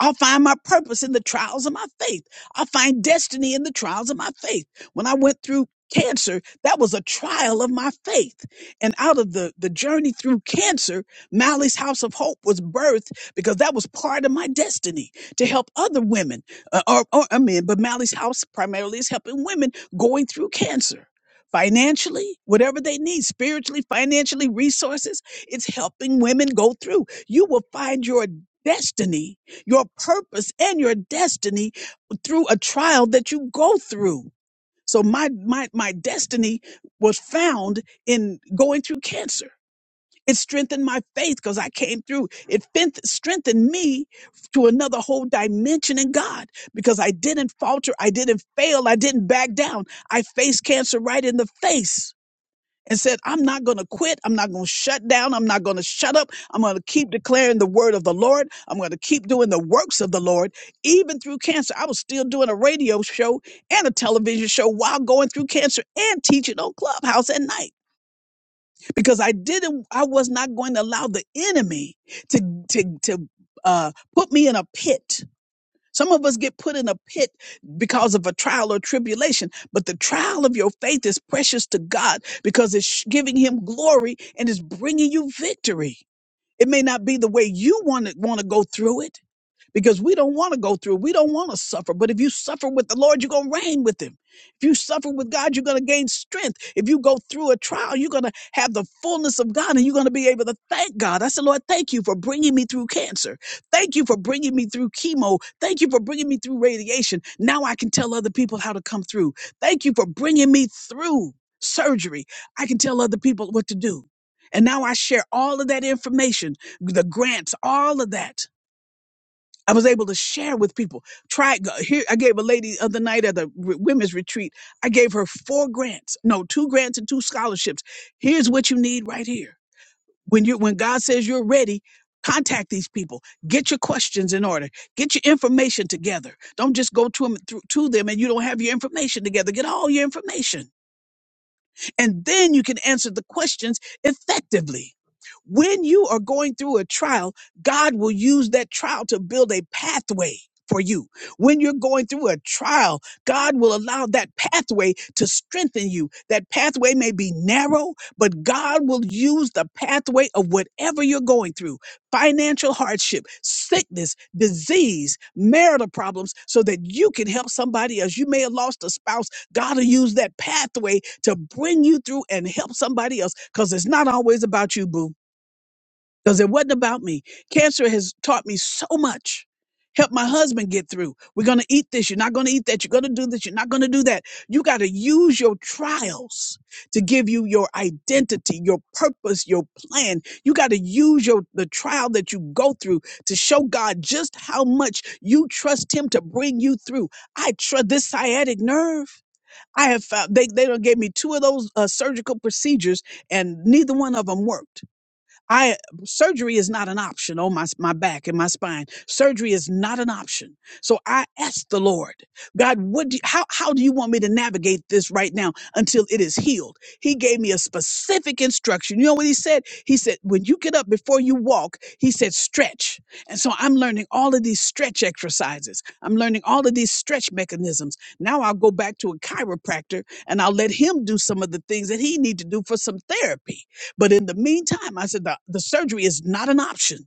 [SPEAKER 1] I'll find my purpose in the trials of my faith. I'll find destiny in the trials of my faith. When I went through cancer, that was a trial of my faith. And out of the, the journey through cancer, Mally's House of Hope was birthed because that was part of my destiny to help other women uh, or, or uh, men, but Mally's House primarily is helping women going through cancer. Financially, whatever they need, spiritually, financially, resources, it's helping women go through. You will find your destiny your purpose and your destiny through a trial that you go through. So my my my destiny was found in going through cancer. It strengthened my faith because I came through. It fin- strengthened me to another whole dimension in God because I didn't falter. I didn't fail. I didn't back down. I faced cancer right in the face and said, I'm not going to quit. I'm not going to shut down. I'm not going to shut up. I'm going to keep declaring the word of the Lord. I'm going to keep doing the works of the Lord. Even through cancer, I was still doing a radio show and a television show while going through cancer and teaching on Clubhouse at night because I didn't, I was not going to allow the enemy to, to, to, uh, put me in a pit some of us get put in a pit because of a trial or tribulation, but the trial of your faith is precious to God because it's giving him glory and it's bringing you victory. It may not be the way you want to want to go through it, because we don't want to go through. We don't want to suffer. But if you suffer with the Lord, you're going to reign with Him. If you suffer with God, you're going to gain strength. If you go through a trial, you're going to have the fullness of God and you're going to be able to thank God. I said, Lord, thank you for bringing me through cancer. Thank you for bringing me through chemo. Thank you for bringing me through radiation. Now I can tell other people how to come through. Thank you for bringing me through surgery. I can tell other people what to do. And now I share all of that information, the grants, all of that I was able to share with people. Try here. I gave a lady the other night at the re- women's retreat. I gave her four grants, no, two grants and two scholarships. Here's what you need right here. When you when God says you're ready, contact these people. Get your questions in order. Get your information together. Don't just go to them through to them and you don't have your information together. Get all your information and then you can answer the questions effectively. When you are going through a trial, God will use that trial to build a pathway for you. When you're going through a trial, God will allow that pathway to strengthen you. That pathway may be narrow, but God will use the pathway of whatever you're going through financial hardship, sickness, disease, marital problems so that you can help somebody else. You may have lost a spouse God will use that pathway to bring you through and help somebody else because it's not always about you, boo. Because it wasn't about me. Cancer has taught me so much. Help my husband get through. We're going to eat this. You're not going to eat that. You're going to do this. You're not going to do that. You got to use your trials to give you your identity, your purpose, your plan. You got to use your the trial that you go through to show God just how much you trust him to bring you through. I trust this sciatic nerve. I have found they they done gave me two of those uh, surgical procedures, and neither one of them worked. I surgery is not an option on my my back and my spine. Surgery is not an option. So I asked the Lord, God, what do you, how how do you want me to navigate this right now until it is healed? He gave me a specific instruction. You know what he said? He said, when you get up before you walk, he said stretch. And so I'm learning all of these stretch exercises. I'm learning all of these stretch mechanisms. Now I'll go back to a chiropractor and I'll let him do some of the things that he need to do for some therapy but in the meantime, I said the, the surgery is not an option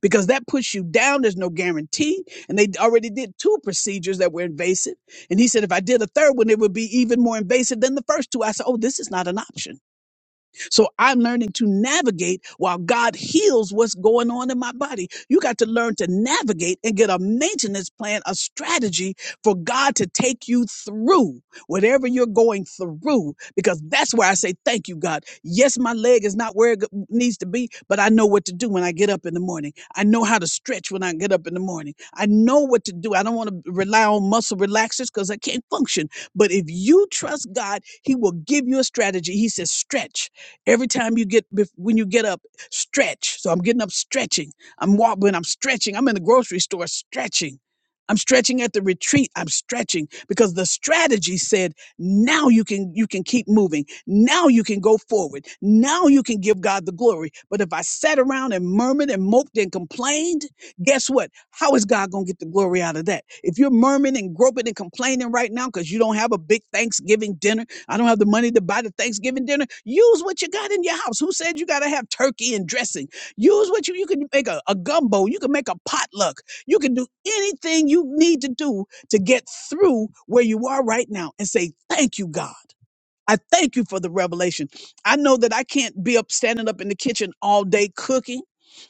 [SPEAKER 1] because that puts you down. There's no guarantee. And they already did two procedures that were invasive. And he said, if I did a third one, it would be even more invasive than the first two. I said, oh, this is not an option. So I'm learning to navigate while God heals what's going on in my body. You got to learn to navigate and get a maintenance plan, a strategy for God to take you through whatever you're going through, because that's where I say, Thank you, God. Yes, my leg is not where it g- needs to be, but I know what to do when I get up in the morning. I know how to stretch when I get up in the morning. I know what to do. I don't want to rely on muscle relaxers because I can't function. But if you trust God, He will give you a strategy. He says, Stretch. Every time you get bef- when you get up, stretch. So I'm getting up stretching. I'm walking, when I'm stretching. I'm in the grocery store stretching. I'm stretching at the retreat. I'm stretching because the strategy said, now you can you can keep moving. Now you can go forward. Now you can give God the glory. But if I sat around and murmured and moped and complained, guess what? How is God going to get the glory out of that? If you're murmuring and groping and complaining right now because you don't have a big Thanksgiving dinner, I don't have the money to buy the Thanksgiving dinner. Use what you got in your house. Who said you got to have turkey and dressing? Use what you, you can make a, a gumbo. You can make a potluck. You can do anything you need to do to get through where you are right now and say, thank you, God. I thank you for the revelation. I know that I can't be up standing up in the kitchen all day cooking.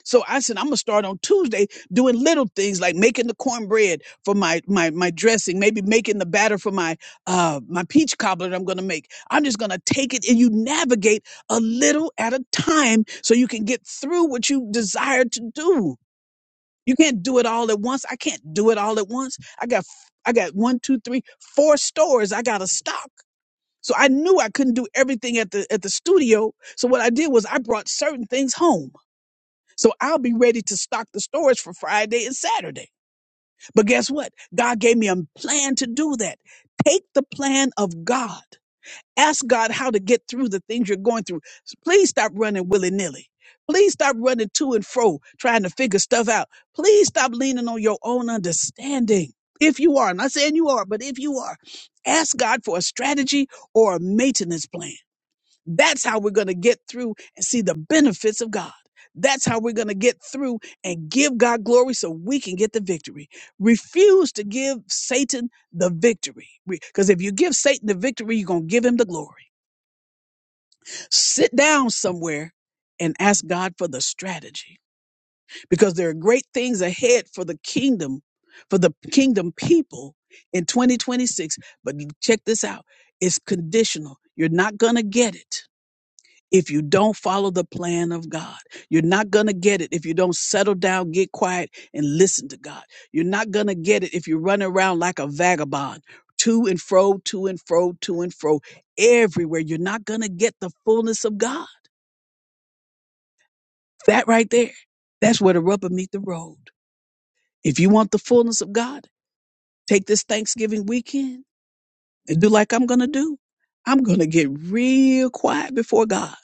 [SPEAKER 1] So I said I'm gonna start on Tuesday doing little things like making the cornbread for my my my dressing, maybe making the batter for my uh my peach cobbler that I'm gonna make. I'm just gonna take it and you navigate a little at a time so you can get through what you desire to do. You can't do it all at once. I can't do it all at once. I got f- I got one, two, three, four stores I gotta stock. So I knew I couldn't do everything at the at the studio. So what I did was I brought certain things home. So I'll be ready to stock the storage for Friday and Saturday. But guess what? God gave me a plan to do that. Take the plan of God. Ask God how to get through the things you're going through. Please stop running willy-nilly. Please stop running to and fro trying to figure stuff out. Please stop leaning on your own understanding. If you are, I'm not saying you are, but if you are, ask God for a strategy or a maintenance plan. That's how we're going to get through and see the benefits of God. That's how we're going to get through and give God glory so we can get the victory. Refuse to give Satan the victory. Because if you give Satan the victory, you're going to give him the glory. Sit down somewhere and ask God for the strategy because there are great things ahead for the kingdom, for the kingdom people in 2026. But check this out it's conditional. You're not going to get it if you don't follow the plan of God. You're not going to get it if you don't settle down, get quiet, and listen to God. You're not going to get it if you run around like a vagabond, to and fro, to and fro, to and fro, everywhere. You're not going to get the fullness of God. That right there, that's where the rubber meet the road. If you want the fullness of God, take this Thanksgiving weekend and do like I'm going to do. I'm going to get real quiet before God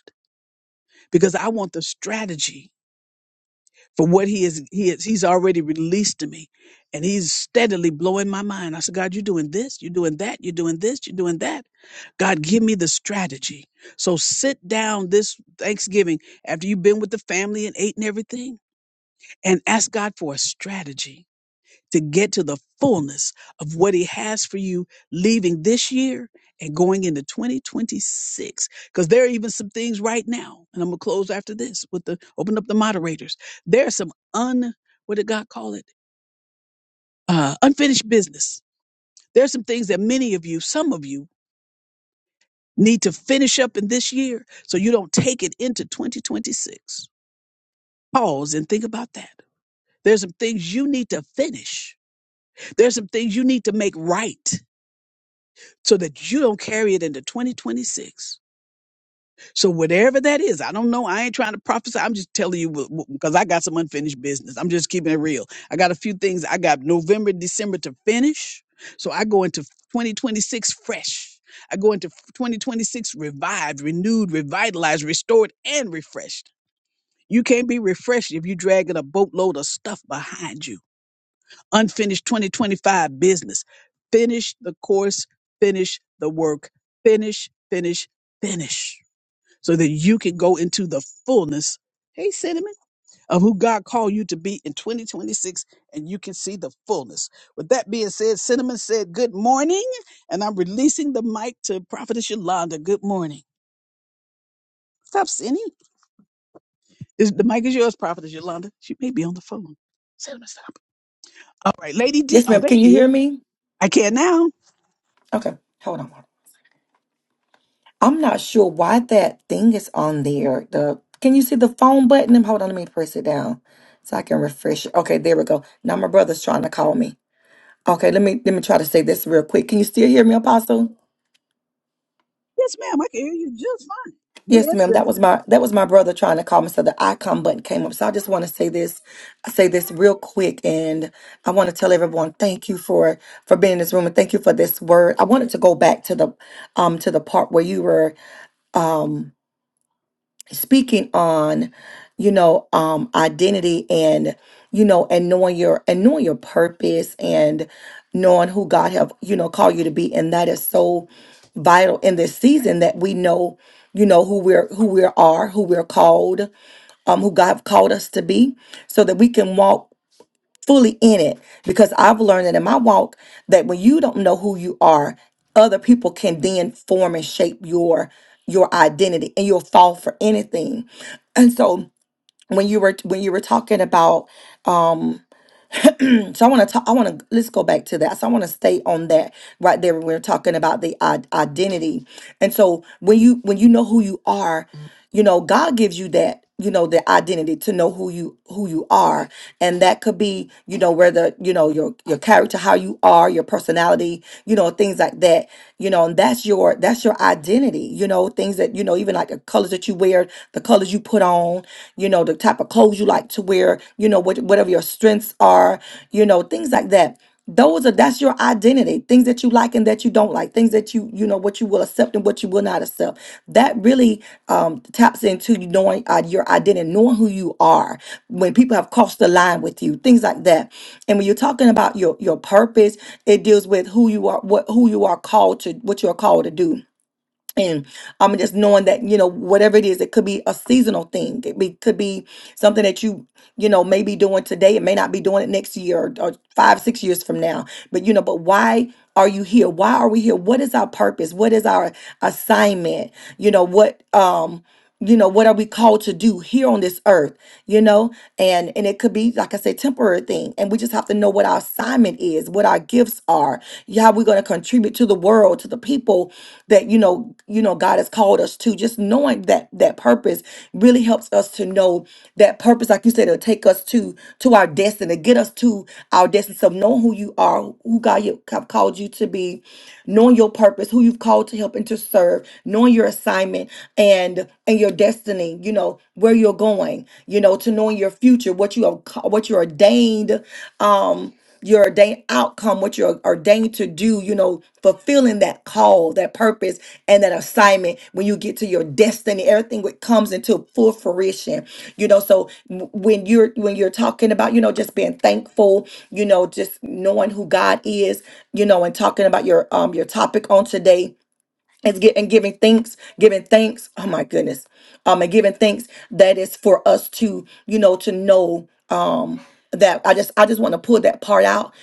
[SPEAKER 1] because I want the strategy for what he is he is he's already released to me and he's steadily blowing my mind i said god you're doing this you're doing that you're doing this you're doing that god give me the strategy so sit down this thanksgiving after you've been with the family and ate and everything and ask god for a strategy to get to the fullness of what he has for you leaving this year and going into 2026 because there are even some things right now and i'm gonna close after this with the open up the moderators there's some un what did god call it uh unfinished business there's some things that many of you some of you need to finish up in this year so you don't take it into 2026 pause and think about that there's some things you need to finish there's some things you need to make right so that you don't carry it into 2026. So whatever that is, I don't know. I ain't trying to prophesy. I'm just telling you because I got some unfinished business. I'm just keeping it real. I got a few things. I got November, December to finish. So I go into 2026 fresh. I go into 2026 revived, renewed, revitalized, restored, and refreshed. You can't be refreshed if you're dragging a boatload of stuff behind you unfinished 2025 business. Finish the course, finish the work, finish, finish, finish, so that you can go into the fullness. Hey, cinnamon, of who God called you to be in 2026, and you can see the fullness. With that being said, Cinnamon said, Good morning, and I'm releasing the mic to Prophetess Yolanda. Good morning. Stop, Cindy. Is, the mic is yours, Prophetess Yolanda. She may be on the phone. Cinnamon, stop. All right, Lady D.
[SPEAKER 2] Yes,
[SPEAKER 1] Oh,
[SPEAKER 2] ma'am.
[SPEAKER 1] there
[SPEAKER 2] Can you
[SPEAKER 1] she is.
[SPEAKER 2] hear me?
[SPEAKER 1] I can now.
[SPEAKER 2] Okay, hold on. I'm not sure why that thing is on there. The can you see the phone button? Hold on, let me press it down so I can refresh it. Okay, there we go. Now my brother's trying to call me. Okay, let me let me try to say this real quick. Can you still hear me, Apostle?
[SPEAKER 1] Yes, ma'am, I can hear you just fine. Me
[SPEAKER 2] Yes,
[SPEAKER 1] and
[SPEAKER 2] ma'am. That was
[SPEAKER 1] Cynthia.
[SPEAKER 2] my that was my brother trying to call me, so the icon button came up. So I just want to say this, say this real quick, and I want to tell everyone thank you for for being in this room and thank you for this word. I wanted to go back to the um to the part where you were um, speaking on you know um identity and you know and knowing your and knowing your purpose and knowing who god have you know called you to be and that is so vital in this season that we know you know who we're who we are who we're called um who god have called us to be so that we can walk fully in it because I've learned that in my walk that when you don't know who you are, other people can then form and shape your your identity and you'll fall for anything. And so when you were when you were talking about so I want to talk I want to let's go back to that. So I want to stay on that right there we we're talking about the i- identity. And so when you when you know who you are, you know, God gives you that you know the identity to know who you who you are and that could be you know whether you know your your character, how you are, your personality, you know, things like that. You know, and that's your that's your identity. You know, things that you know, even like the colors that you wear, the colors you put on, you know, the type of clothes you like to wear, you know, what whatever your strengths are, you know, things like that those are that's your identity things that you like and that you don't like things that you you know what you will accept and what you will not accept that really um, taps into you knowing uh, your identity knowing who you are when people have crossed the line with you things like that and when you're talking about your your purpose it deals with who you are what who you are called to what you are called to do and um, just knowing that you know whatever it is, it could be a seasonal thing. It be, could be something that you you know may be doing today. It may not be doing it next year or, or five six years from now. But you know, but why are you here? Why are we here? What is our purpose? What is our assignment? You know what um you know what are we called to do here on this earth you know and and it could be like i said temporary thing and we just have to know what our assignment is what our gifts are how we're going to contribute to the world to the people that you know you know god has called us to just knowing that that purpose really helps us to know that purpose like you said it'll take us to to our destiny get us to our destiny so knowing who you are who god you have called you to be knowing your purpose who you've called to help and to serve knowing your assignment and and your destiny you know where you're going you know to knowing your future what you are ca- what you're ordained um your ordained outcome, what you're ordained to do, you know, fulfilling that call, that purpose, and that assignment when you get to your destiny, everything what comes into full fruition. You know, so w- when you're when you're talking about, you know, just being thankful, you know, just knowing who God is, you know, and talking about your um your topic on today is get and giving thanks, giving thanks. Oh my goodness. Um and giving thanks that is for us to, you know, to know. um that I just I just want to pull that part out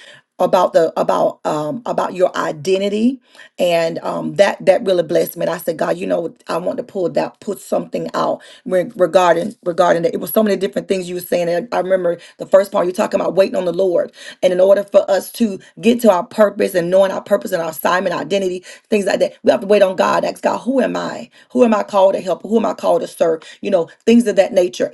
[SPEAKER 2] about the about um about your identity and um that that really blessed me and i said god you know i want to pull that put something out re- regarding regarding that it was so many different things you were saying and i remember the first part you talking about waiting on the lord and in order for us to get to our purpose and knowing our purpose and our assignment identity things like that we have to wait on god ask god who am i who am i called to help who am i called to serve you know things of that nature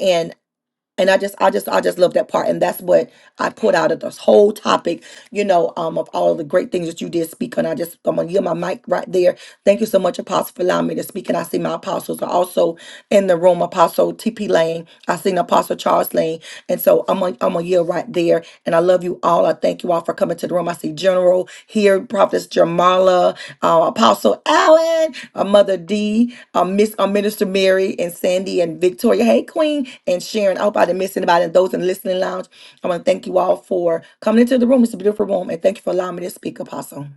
[SPEAKER 2] and I just, I just, I just love that part, and that's what I put out of this whole topic, you know, um, of all the great things that you did speak on. I just, I'm gonna yield my mic right there. Thank you so much, Apostle, for allowing me to speak, and I see my apostles are also in the room. Apostle T.P. Lane, I seen Apostle Charles Lane, and so I'm gonna i I'm gonna yield right there. And I love you all. I thank you all for coming to the room. I see General here, Prophetess Jamala, uh, Apostle Allen, uh, Mother D, uh, Miss uh, Minister Mary, and Sandy and Victoria. Hey, Queen and Sharon. I hope I didn't miss anybody. And those in the listening lounge, I want to thank you all for coming into the room. It's a beautiful room. And thank you for allowing me to speak, Apostle.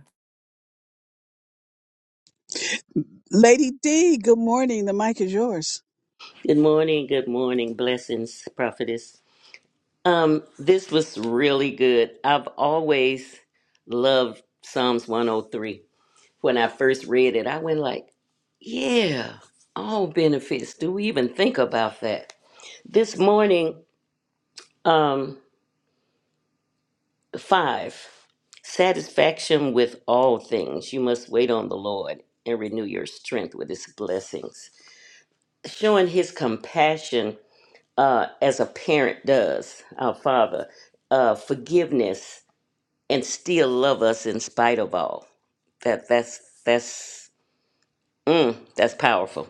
[SPEAKER 1] Lady D, good morning. The mic is yours.
[SPEAKER 3] Good morning, good morning, blessings, prophetess. Um, this was really good. I've always loved Psalms 103. When I first read it, I went like, yeah, all benefits. Do we even think about that? This morning, um, five, satisfaction with all things. You must wait on the Lord and renew your strength with his blessings. Showing his compassion uh, as a parent does, our Father, uh, forgiveness and still love us in spite of all. That that's that's mm, that's powerful.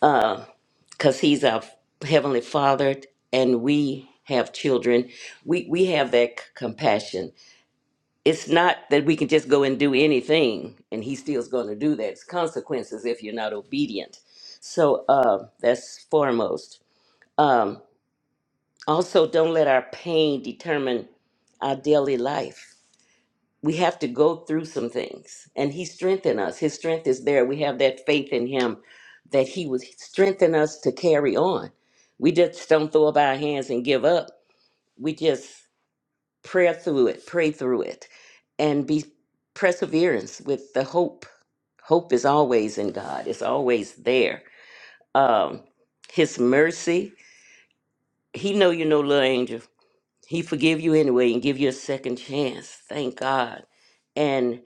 [SPEAKER 3] Because He's our heavenly Father, and we have children. We we have that c- compassion. It's not that we can just go and do anything, and He still's going to do that. It's consequences if you're not obedient. So uh, that's foremost. Um, Also, don't let our pain determine our daily life. We have to go through some things, and He strengthened us. His strength is there. We have that faith in Him that He would strengthen us to carry on. We just don't throw up our hands and give up. We just pray through it, pray through it, and be perseverance with the hope. Hope is always in God. It's always there. Um, His mercy. He know you know, little angel. He forgive you anyway and give you a second chance. Thank God. And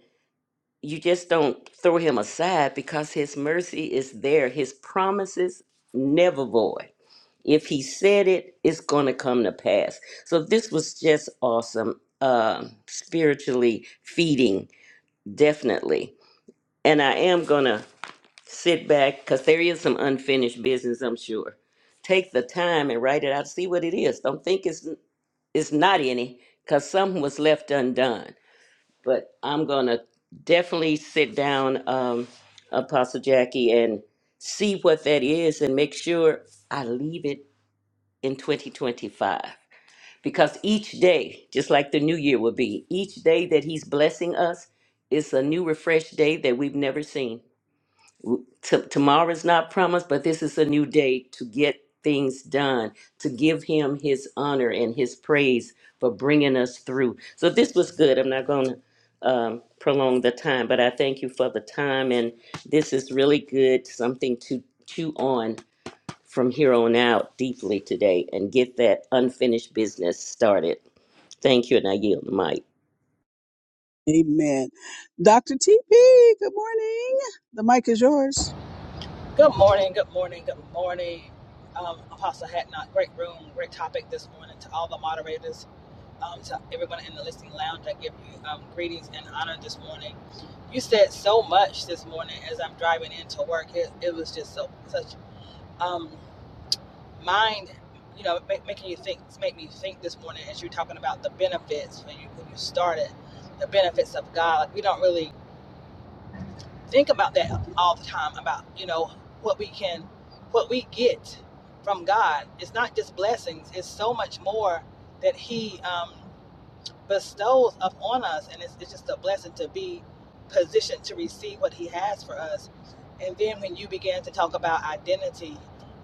[SPEAKER 3] you just don't throw him aside because his mercy is there. His promises never void. If he said it, it's going to come to pass. So this was just awesome. Um, spiritually feeding, definitely. And I am going to sit back because there is some unfinished business, I'm sure. Take the time and write it out. See what it is. Don't think it's it's not any because some was left undone. But I'm gonna definitely sit down, um, Apostle Jackie, and see what that is, and make sure I leave it in 2025. Because each day, just like the new year will be, each day that He's blessing us is a new, refreshed day that we've never seen. T- tomorrow is not promised, but this is a new day to get things done, to give him his honor and his praise for bringing us through. So this was good. I'm not going to um, prolong the time, but I thank you for the time. And this is really good, something to chew on from here on out deeply today and get that unfinished business started. Thank you, and I yield the mic.
[SPEAKER 1] Amen. Dr. TP, good morning. The mic is yours.
[SPEAKER 4] Good morning, good morning, good morning. Um, Apostle Hatnot, great room, great topic this morning to all the moderators, um, to everyone in the listening lounge. I give you um, greetings and honor this morning. You said so much this morning as I'm driving into work. It, it was just so such um, mind, you know, make, making you think, make me think this morning as you're talking about the benefits when you when you started, the benefits of God. Like we don't really think about that all the time about you know what we can what we get from god it's not just blessings it's so much more that he um, bestows upon us. And it's, it's just a blessing to be positioned to receive what He has for us. And then when you begin to talk about identity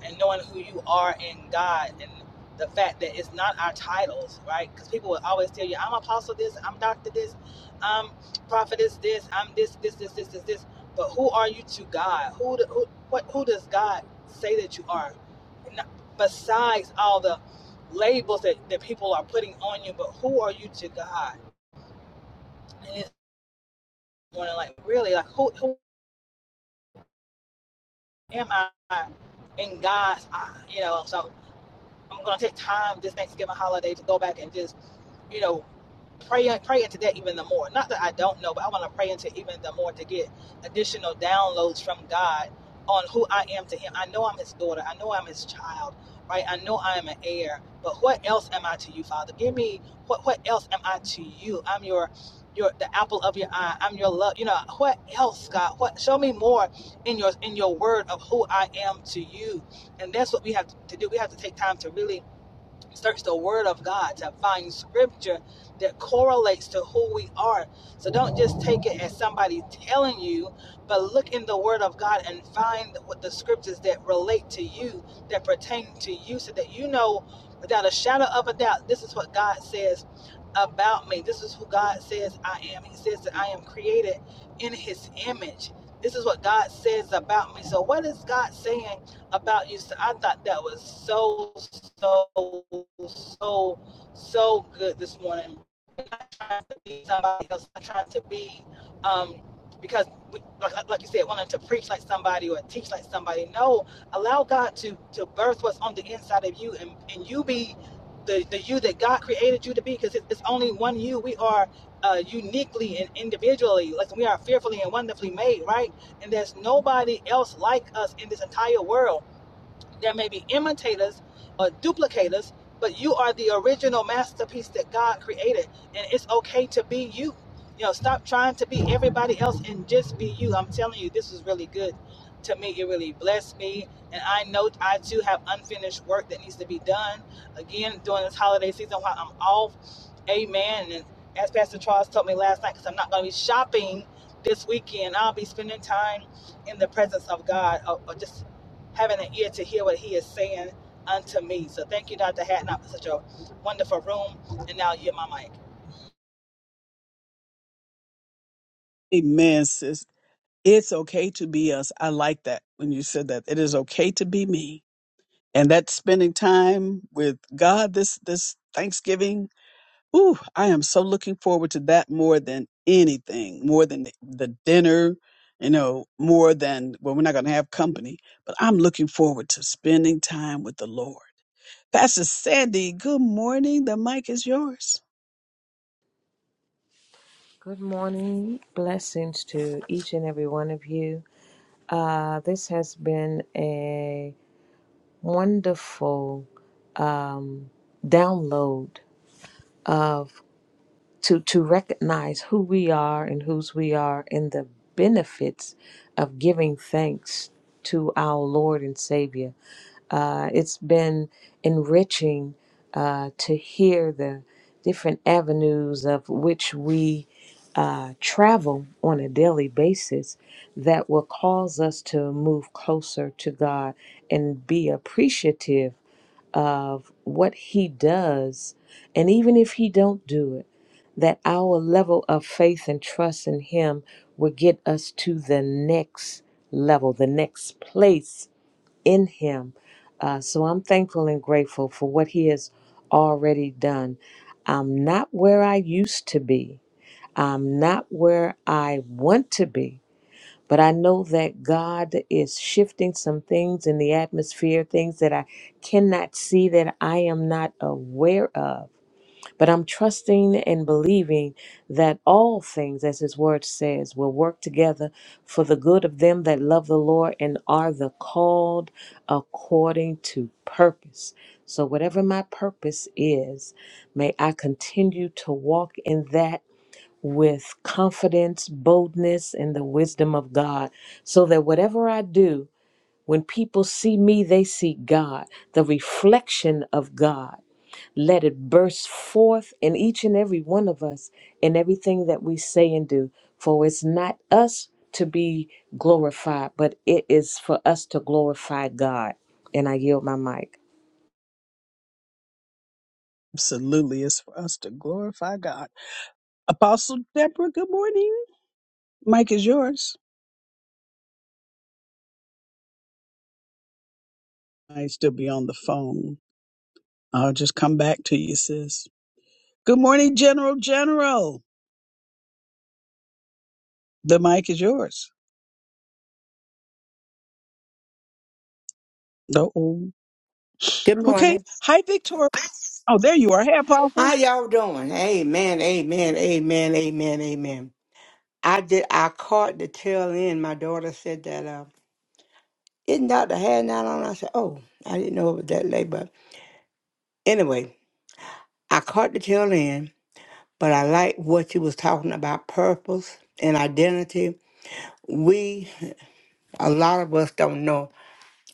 [SPEAKER 4] and knowing who you are in God and the fact that it's not our titles, right? Because people will always tell you, I'm apostle this, I'm doctor this, I'm prophetess this, I'm this, this, this, this, this, this. But who are you to God? Who, do- who, what, who does God say that you are? Besides all the labels that, that people are putting on you, but who are you to God? And it's going like really like who who am I in God's eye? You know, so I'm gonna take time this Thanksgiving holiday to go back and just, you know, pray pray into that even the more. Not that I don't know, but I want to pray into even the more to get additional downloads from God on who I am to Him. I know I'm His daughter. I know I'm His child. Right? I know I am an heir. But what else am I to you, Father? Give me what what else am I to you? I'm your your the apple of your eye. I'm your love. You know what else, God? What show me more in your in your word of who I am to you. And that's what we have to do. We have to take time to really search the word of God to find scripture that correlates to who we are. So don't just take it as somebody telling you, but look in the word of God and find what the scriptures that relate to you, that pertain to you, so that you know without a shadow of a doubt, this is what God says about me. This is who God says I am. He says that I am created in his image. This is what God says about me. So what is God saying about you. So I thought that was so, so, so, so good this morning. I'm not trying to be somebody else. I'm trying to be, um, because we, like, like like you said, wanting to preach like somebody or teach like somebody. No, allow God to to birth what's on the inside of you, and and you be. The, the you that God created you to be, because it's only one you. We are uh, uniquely and individually. Listen, we are fearfully and wonderfully made, right? And there's nobody else like us in this entire world. There may be imitators or duplicators, but you are the original masterpiece that God created, and it's okay to be you. You know, stop trying to be everybody else and just be you. I'm telling you, this was really good to me. It really blessed me, and I know I too have unfinished work that needs to be done. Again, during this holiday season, while I'm off, Amen. And as Pastor Charles told me last night, because I'm not going to be shopping this weekend, I'll be spending time in the presence of God, or, or just having an ear to hear what he is saying unto me. So thank you, Dr. Hatton, for such a wonderful room. And now you're my mic.
[SPEAKER 1] Amen, sis. It's okay to be us. I like that when you said that. It is okay to be me. And that's spending time with God this this Thanksgiving Ooh, I am so looking forward to that more than anything, more than the the dinner, you know, more than, well, we're not going to have company, but I'm looking forward to spending time with the Lord. Pastor Sandy, good morning. The mic is yours.
[SPEAKER 5] Good morning. Blessings to each and every one of you. Uh, this has been a wonderful um, download of to to recognize who we are and whose we are and the benefits of giving thanks to our Lord and Savior. Uh, it's been enriching uh, to hear the different avenues of which we uh, travel on a daily basis that will cause us to move closer to God and be appreciative of what He does, and even if He don't do it that our level of faith and trust in Him will get us to the next level, the next place in Him. Uh, so I'm thankful and grateful for what He has already done. I'm not where I used to be, I'm not where I want to be. But I know that God is shifting some things in the atmosphere, things that I cannot see, that I am not aware of but I'm trusting and believing that all things, as his word says, will work together for the good of them that love the Lord and are the called according to purpose. So, whatever my purpose is, may I continue to walk in that with confidence, boldness, and the wisdom of God, so that whatever I do, when people see me, they see God, the reflection of God. Let it burst forth in each and every one of us in everything that we say and do. For it's not us to be glorified, but it is for us to glorify God. And I yield my mic.
[SPEAKER 1] Absolutely. It's for us to glorify God. Apostle Deborah, good morning. Mic is yours. might still be on the phone. I'll just come back to you, sis. Good morning, General. General, the mic is yours. Oh,
[SPEAKER 6] Good
[SPEAKER 1] okay.
[SPEAKER 6] morning.
[SPEAKER 1] Hi, Victoria. Oh, there you are. Hey,
[SPEAKER 6] How
[SPEAKER 1] Apostle.
[SPEAKER 6] y'all doing? Amen, amen, amen, amen, amen. I did. I caught the tail end. My daughter said that. Uh, isn't Doctor had not on? I said, oh, I didn't know it was that late. But anyway, I caught the tail end. But I like what you was talking about purpose and identity. We a lot of us don't know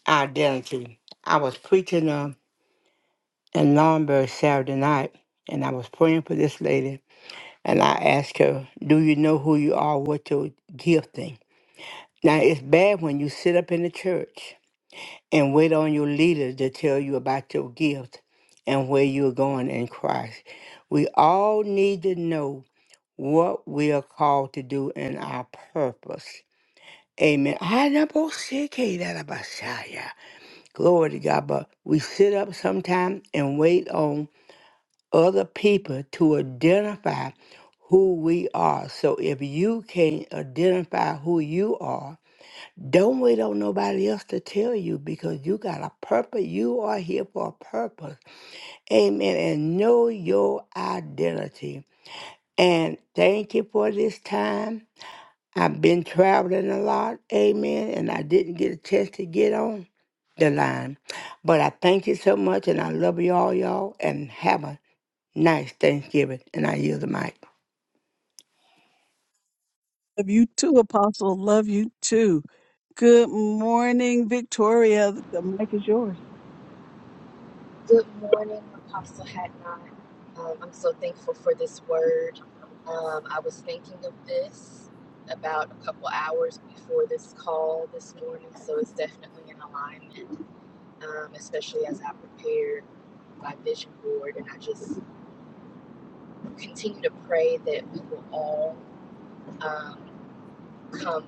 [SPEAKER 6] our identity. I was preaching uh, in Longbury Saturday night, and I was praying for this lady And I asked her, Do you know who you are What your gifting? Now, it's bad when you sit up in the church and wait on your leader to tell you about your gift and where you're going in Christ. We all need to know what we are called to do and our purpose. Amen. Glory to God. But we sit up sometime and wait on other people to identify who we are. So if you can't identify who you are, don't wait on nobody else to tell you because you got a purpose. You are here for a purpose. Amen. And know your identity. And thank you for this time. I've been traveling a lot. Amen. And I didn't get a chance to get on the line. But I thank you so much and I love you all, y'all. And have a nice Thanksgiving, and I yield the mic.
[SPEAKER 1] Love you too, Apostle. Love you too. Good morning, Victoria. The mic is yours.
[SPEAKER 7] Good morning, Apostle Hadnot. Um, I'm so thankful for this word. Um, I was thinking of this about a couple hours before this call this morning, so it's definitely in alignment, um, especially as I prepared my vision board. And I just continue to pray that we will all um, come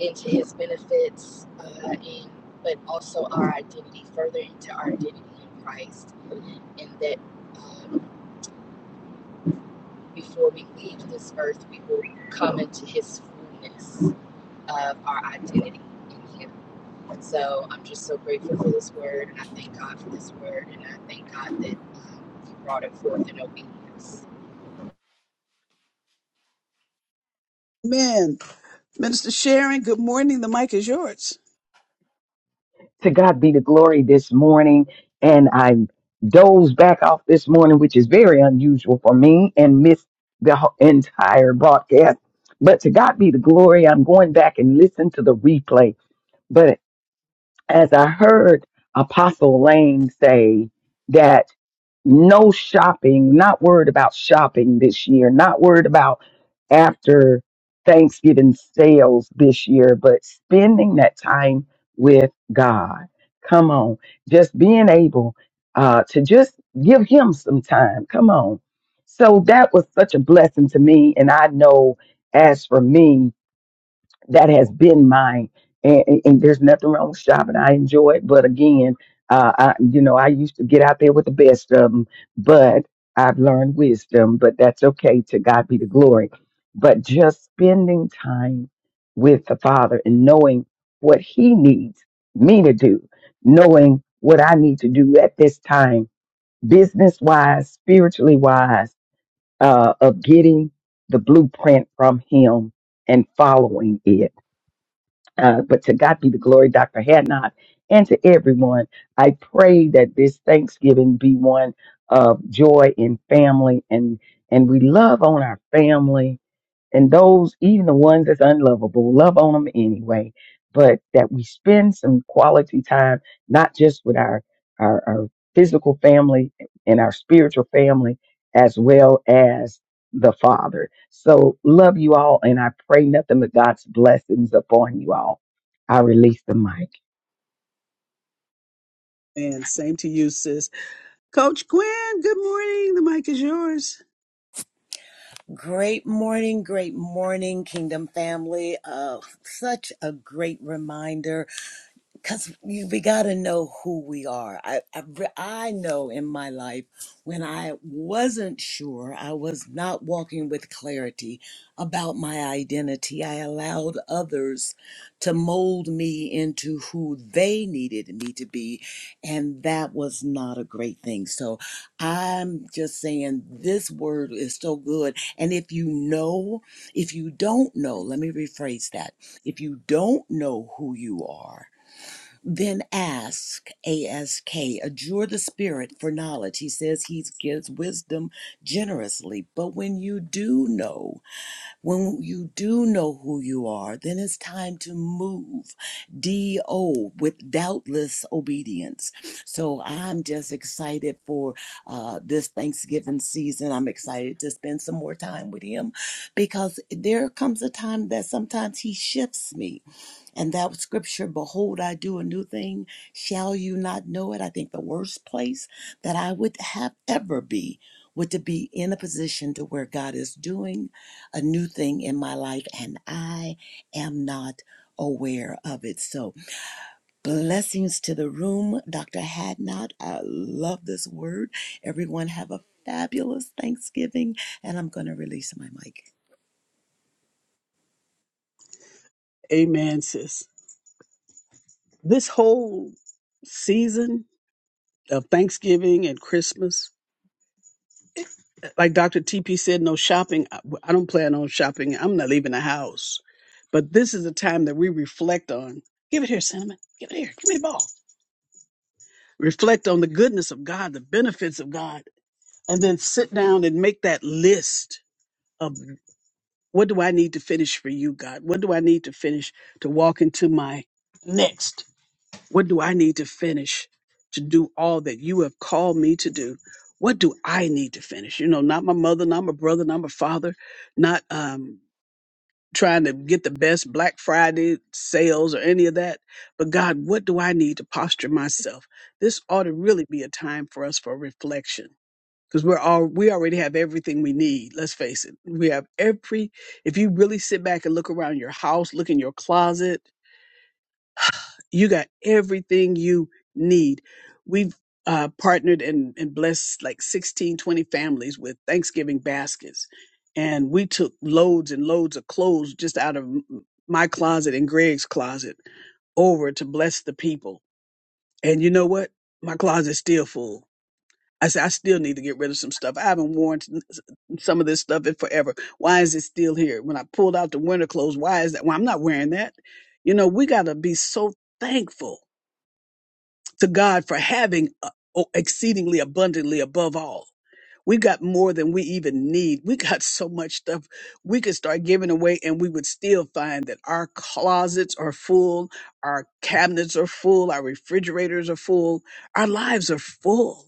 [SPEAKER 7] into his benefits, uh, and, but also our identity, further into our identity in Christ, and that. Um, before we leave this earth, we will come into his fullness of our identity in him. And So I'm just so grateful for this word, and I thank God for this word, and I thank God that he brought it forth in obedience.
[SPEAKER 1] Amen. Minister Sharon, good morning. The mic is yours.
[SPEAKER 8] to God be the glory this morning. And I dozed back off this morning, which is very unusual for me, and missed the ho- <laughs> entire broadcast. But to God be the glory. I'm going back and listen to the replay. But as I heard Apostle Lane say no shopping, not worried about shopping this year, not worried about after Thanksgiving sales this year, but spending that time with God. Come on, just being able uh, to just give Him some time. Come on. So that was such a blessing to me. And I know as for me, that has been mine and, and and there's nothing wrong with shopping i enjoy it but again uh I, you know i used to get out there with the best of them but i've learned wisdom but that's okay to god be the glory but just spending time with the father and knowing what he needs me to do knowing what i need to do at this time business wise spiritually wise uh of getting the blueprint from him and following it uh, but to God be the glory, Dr. Hadnot, and to everyone. I pray that this Thanksgiving be one of joy and family and and we love on our family and those, even the ones that's unlovable, love on them anyway. But that we spend some quality time, not just with our, our, our physical family and our spiritual family, as well as the Father. So love you all, and I pray nothing but God's blessings upon you all. I release the mic.
[SPEAKER 1] And same to you, sis. Coach Gwen, good morning. The mic is yours.
[SPEAKER 9] Great morning, great morning, Kingdom family. Uh, such a great reminder because we we got to know who we are. I, I, re- I know in my life when I wasn't sure, I was not walking with clarity about my identity. I allowed others to mold me into who they needed me to be, and that was not a great thing. So I'm just saying this word is so good. And if you know, if you don't know, let me rephrase that if you don't know who you are, then ask, ASK, adjure the Spirit for knowledge. He says he gives wisdom generously. But when you do know, when you do know who you are, then it's time to move. D O, with doubtless obedience. So I'm just excited for uh, this Thanksgiving season. I'm excited to spend some more time with him because there comes a time that sometimes he shifts me and that scripture, behold, I do a new thing. Shall you not know it? I think the worst place that I would have ever be would to be in a position to where God is doing a new thing in my life and I am not aware of it. So blessings to the room. Dr. Hadnot, I love this word. Everyone have a fabulous Thanksgiving and I'm going to release my mic.
[SPEAKER 1] Amen, sis. This whole season of Thanksgiving and Christmas. Like Dr. TP said, no shopping. I well, I don't plan on shopping. I'm not leaving the house. But this is a time that we reflect on. Give it here, Cinnamon. Give it here. Give me the ball. Reflect on the goodness of God, the benefits of God, and then sit down and make that list of what do I need to finish for you, God? What do I need to finish to walk into my next? What do I need to finish to do all that you have called me to do? What do I need to finish? You know, not my mother, not my brother, not my father, not um, trying to get the best Black Friday sales or any of that. But God, what do I need to posture myself? This ought to really be a time for us for reflection because we're all we already have everything we need. Let's face it, we have every. If you really sit back and look around your house, look in your closet you got everything you need. We've uh, partnered and, and blessed like 16, 20 families with Thanksgiving baskets. And we took loads and loads of clothes just out of m- my closet and Greg's closet over to bless the people. And you know what? My closet's still full. I said, I still need to get rid of some stuff. I haven't worn s- some of this stuff in forever. Why is it still here? When I pulled out the winter clothes, why is that? Well, I'm not wearing that. You know, we got to be so thankful to God for having uh, o- exceedingly abundantly above all. We got more than we even need. We got so much stuff we could start giving away, and we would still find that our closets are full, our cabinets are full, our refrigerators are full, our lives are full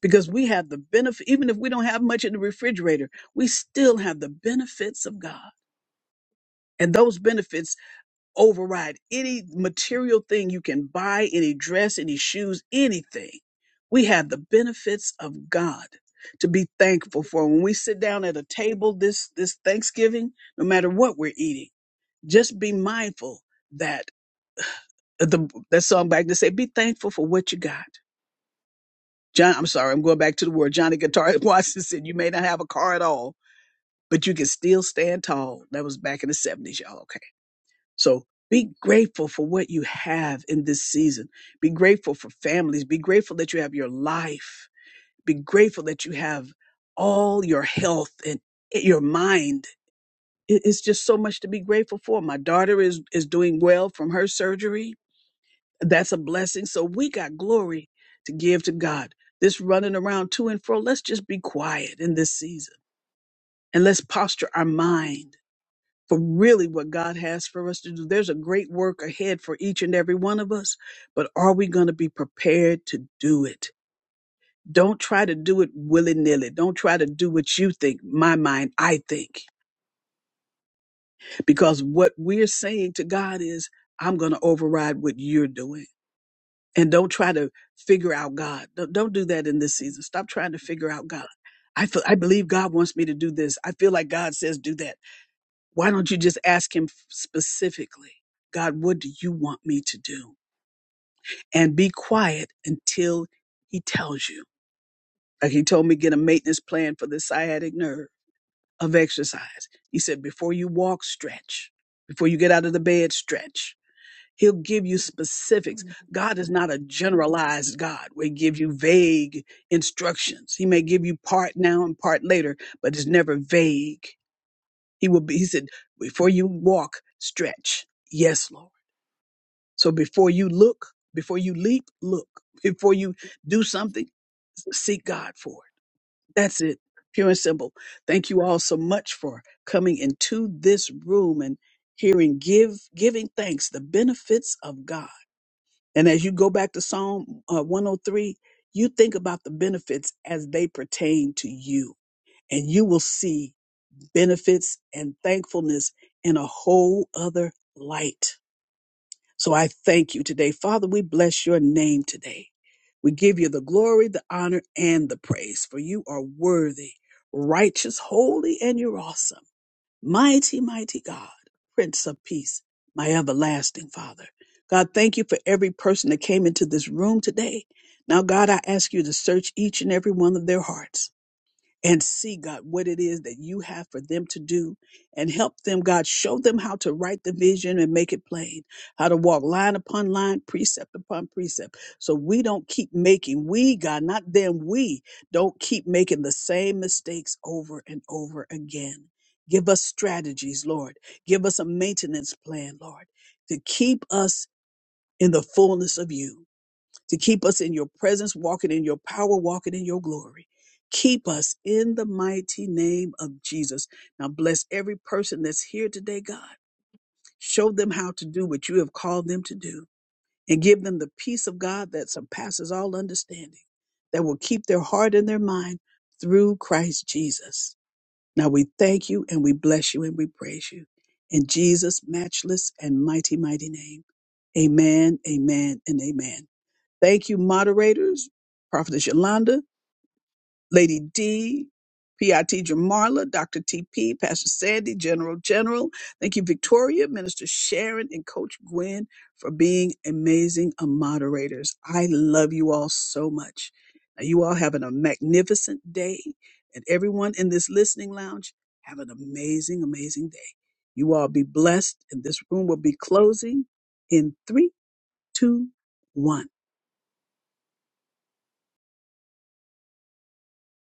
[SPEAKER 1] because we have the benefit. Even if we don't have much in the refrigerator, we still have the benefits of God. And those benefits override any material thing you can buy, any dress, any shoes, anything. We have the benefits of God to be thankful for. When we sit down at a table this this Thanksgiving, no matter what we're eating, just be mindful that uh, the that song back to say, be thankful for what you got. John, I'm sorry, I'm going back to the word. Johnny Guitar <laughs> Watson said, "You may not have a car at all, but you can still stand tall." That was back in the '70s, y'all. Okay. So be grateful for what you have in this season. Be grateful for families. Be grateful that you have your life. Be grateful that you have all your health and your mind. It- It's just so much to be grateful for. My daughter is, is doing well from her surgery. That's a blessing. So we got glory to give to God. This running around to and fro, let's just be quiet in this season and let's posture our mind for really what God has for us to do. There's a great work ahead for each and every one of us, but are we going to be prepared to do it? Don't try to do it willy nilly. Don't try to do what you think, my mind, I think. Because what we're saying to God is, I'm going to override what you're doing. And don't try to figure out God. Don't, don't do that in this season. Stop trying to figure out God. I, feel, I believe God wants me to do this. I feel like God says do that. Why don't you just ask him specifically, God, what do you want me to do? And be quiet until he tells you. Like he told me, get a maintenance plan for the sciatic nerve of exercise. He said, before you walk, stretch. Before you get out of the bed, stretch. He'll give you specifics. God is not a generalized God where he gives you vague instructions. He may give you part now and part later, but it's never vague. He will be, he said, before you walk, stretch. Yes, Lord. So before you look, before you leap, look. Before you do something, seek God for it. That's it. Pure and simple. Thank you all so much for coming into this room and hearing give giving thanks the benefits of God. And as you go back to Psalm uh, 103, you think about the benefits as they pertain to you, and you will see benefits and thankfulness in a whole other light. So I thank you today. Father, we bless your name today. We give you the glory, the honor, and the praise, for you are worthy, righteous, holy, and you're awesome. Mighty, mighty God, Prince of Peace, my everlasting Father. God, thank you for every person that came into this room today. Now, God, I ask you to search each and every one of their hearts and see, God, what it is that you have for them to do and help them, God. Show them how to write the vision and make it plain, how to walk line upon line, precept upon precept. So we don't keep making, we, God, not them, we don't keep making the same mistakes over and over again. Give us strategies, Lord. Give us a maintenance plan, Lord, to keep us in the fullness of you to keep us in your presence, walking in your power, walking in your glory. Keep us in the mighty name of Jesus. Now bless every person that's here today, God. Show them how to do what you have called them to do and give them the peace of God that surpasses all understanding, that will keep their heart and their mind through Christ Jesus. Now we thank you and we bless you and we praise you. In Jesus' matchless and mighty, mighty name. Amen, amen, and amen. Thank you, moderators, Prophetess Yolanda, Lady D, PIT Jamarla, Dr. TP, Pastor Sandy, General General. Thank you, Victoria, Minister Sharon, and Coach Gwen for being amazing uh, moderators. I love you all so much. Now, you all having a magnificent day, and everyone in this listening lounge, have an amazing, amazing day. You all be blessed, and this room will be closing in three, two, one.